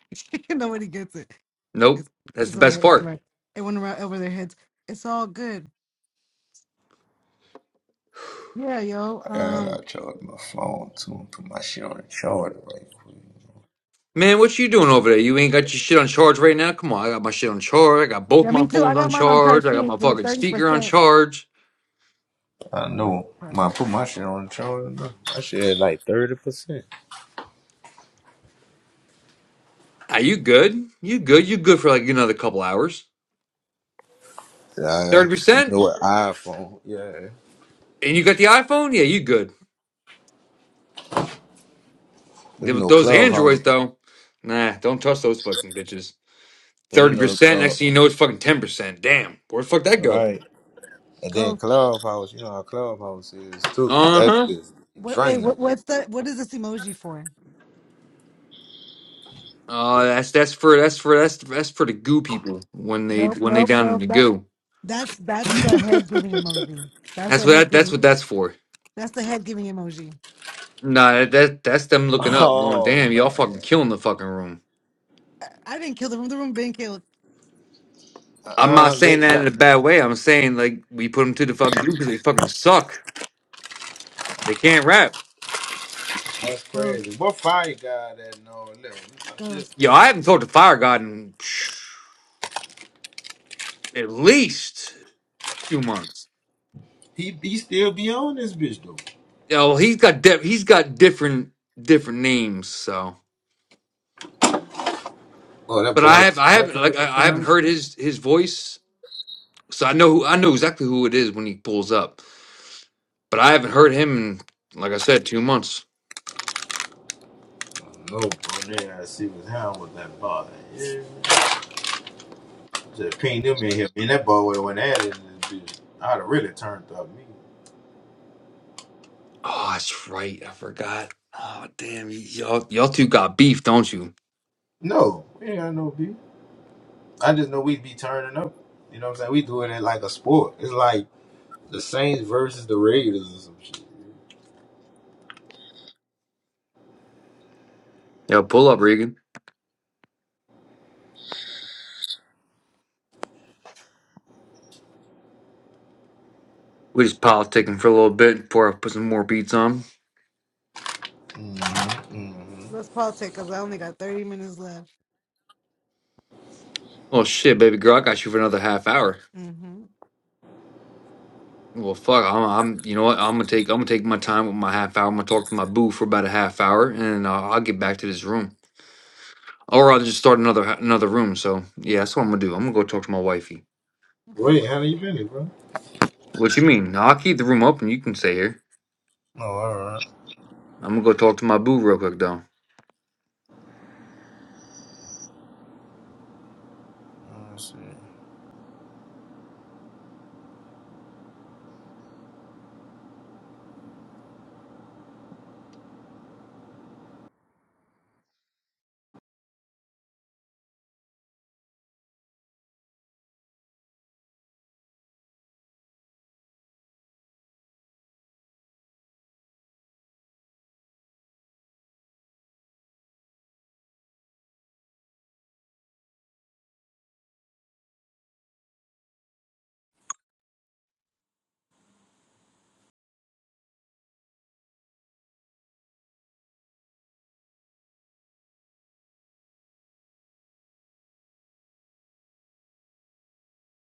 Nobody gets it. Nope, It's that's the it's all right. best It's all part. right. It went around over their heads. It's all good. Yeah, yo. And I Um. charged my phone too put my shit on the charger right quick. Man, what you doing over there? You ain't got your shit on charge right now. Come on, I got my shit on charge. I got both Yeah, my me too. I phones got on mine on charge charge. I got too my with a fucking thirty speaker on percent. charge. I Mine's know. When charge. I put my shit on the charger, though, my shit had like 30%. Are you good? You good? You good for like another couple hours? Yeah, Thirty you percent, know what? iPhone. Yeah. and you got the iPhone? Yeah, you good. You Th- know, Those Clubhouse. Androids though, nah, don't touch those fucking bitches. And you Thirty know, percent. uh, Next thing you know, it's fucking ten percent. Damn, where the fuck that go? right. And then Go. Clubhouse, you know how Clubhouse is too. Uh That huh. bitch What, hey, draining. what, what's the one. Oh, that's that's for that's for that's that's for the goo people when they Nope, when they nope, down in nope. the That goo. that's that's the head giving emoji. That's That's the what head that, that's giving. what that's for. That's the head giving emoji. Nah, that, that that's them looking up, going, Oh, damn, y'all fucking man. killing the fucking room. I, I didn't kill the room. The room been killed. I'm not Uh-uh. saying that- that in that- a bad way. I'm saying like we put them to the fucking goo because they fucking suck. They can't rap. that's Go, crazy. What fire guy that No, Look, I go. should Yo, ping I that. haven't talked to Fire God in psh, at least two months. He, he still be on this bitch, though. Yo, he's got di- he's got different different names. So, Oh, that but I boy be have I right haven't there like with I, I that? haven't heard his his voice So I know I know exactly who it is when he pulls up, but I haven't heard him in, like I said, two months. No, bro, there I see what's happening with that boy. Yeah. Just ping them in here. Man, that boy would have went at it. and just- I'd have really turned up me. Oh, that's right. I forgot. Oh, damn. y- Y'all, y'all two got beef, don't you? No, we ain't got no beef. I just know we'd be turning up. You know what I'm saying? We doing it like a sport. It's like the Saints versus the Raiders or some shit. Yo, pull up, Regan. We just politicking for a little bit before I put some more beats on. Mm-hmm, mm-hmm. Let's politic because I only got thirty minutes left. Oh shit, baby girl, I got you for another half hour. mm hmm Well, fuck. I'm, I'm. You know what? I'm gonna take. I'm gonna take my time with my half hour. I'm gonna talk to my boo for about a half hour, and uh, I'll get back to this room, or I'll just start another another room. So yeah, that's what I'm gonna do. I'm gonna go talk to my wifey. Okay. Wait, how long you been, here, bro? What you mean? I'll keep the room open. You can stay here. Oh, all right. I'm gonna go talk to my boo real quick, though. Let's see.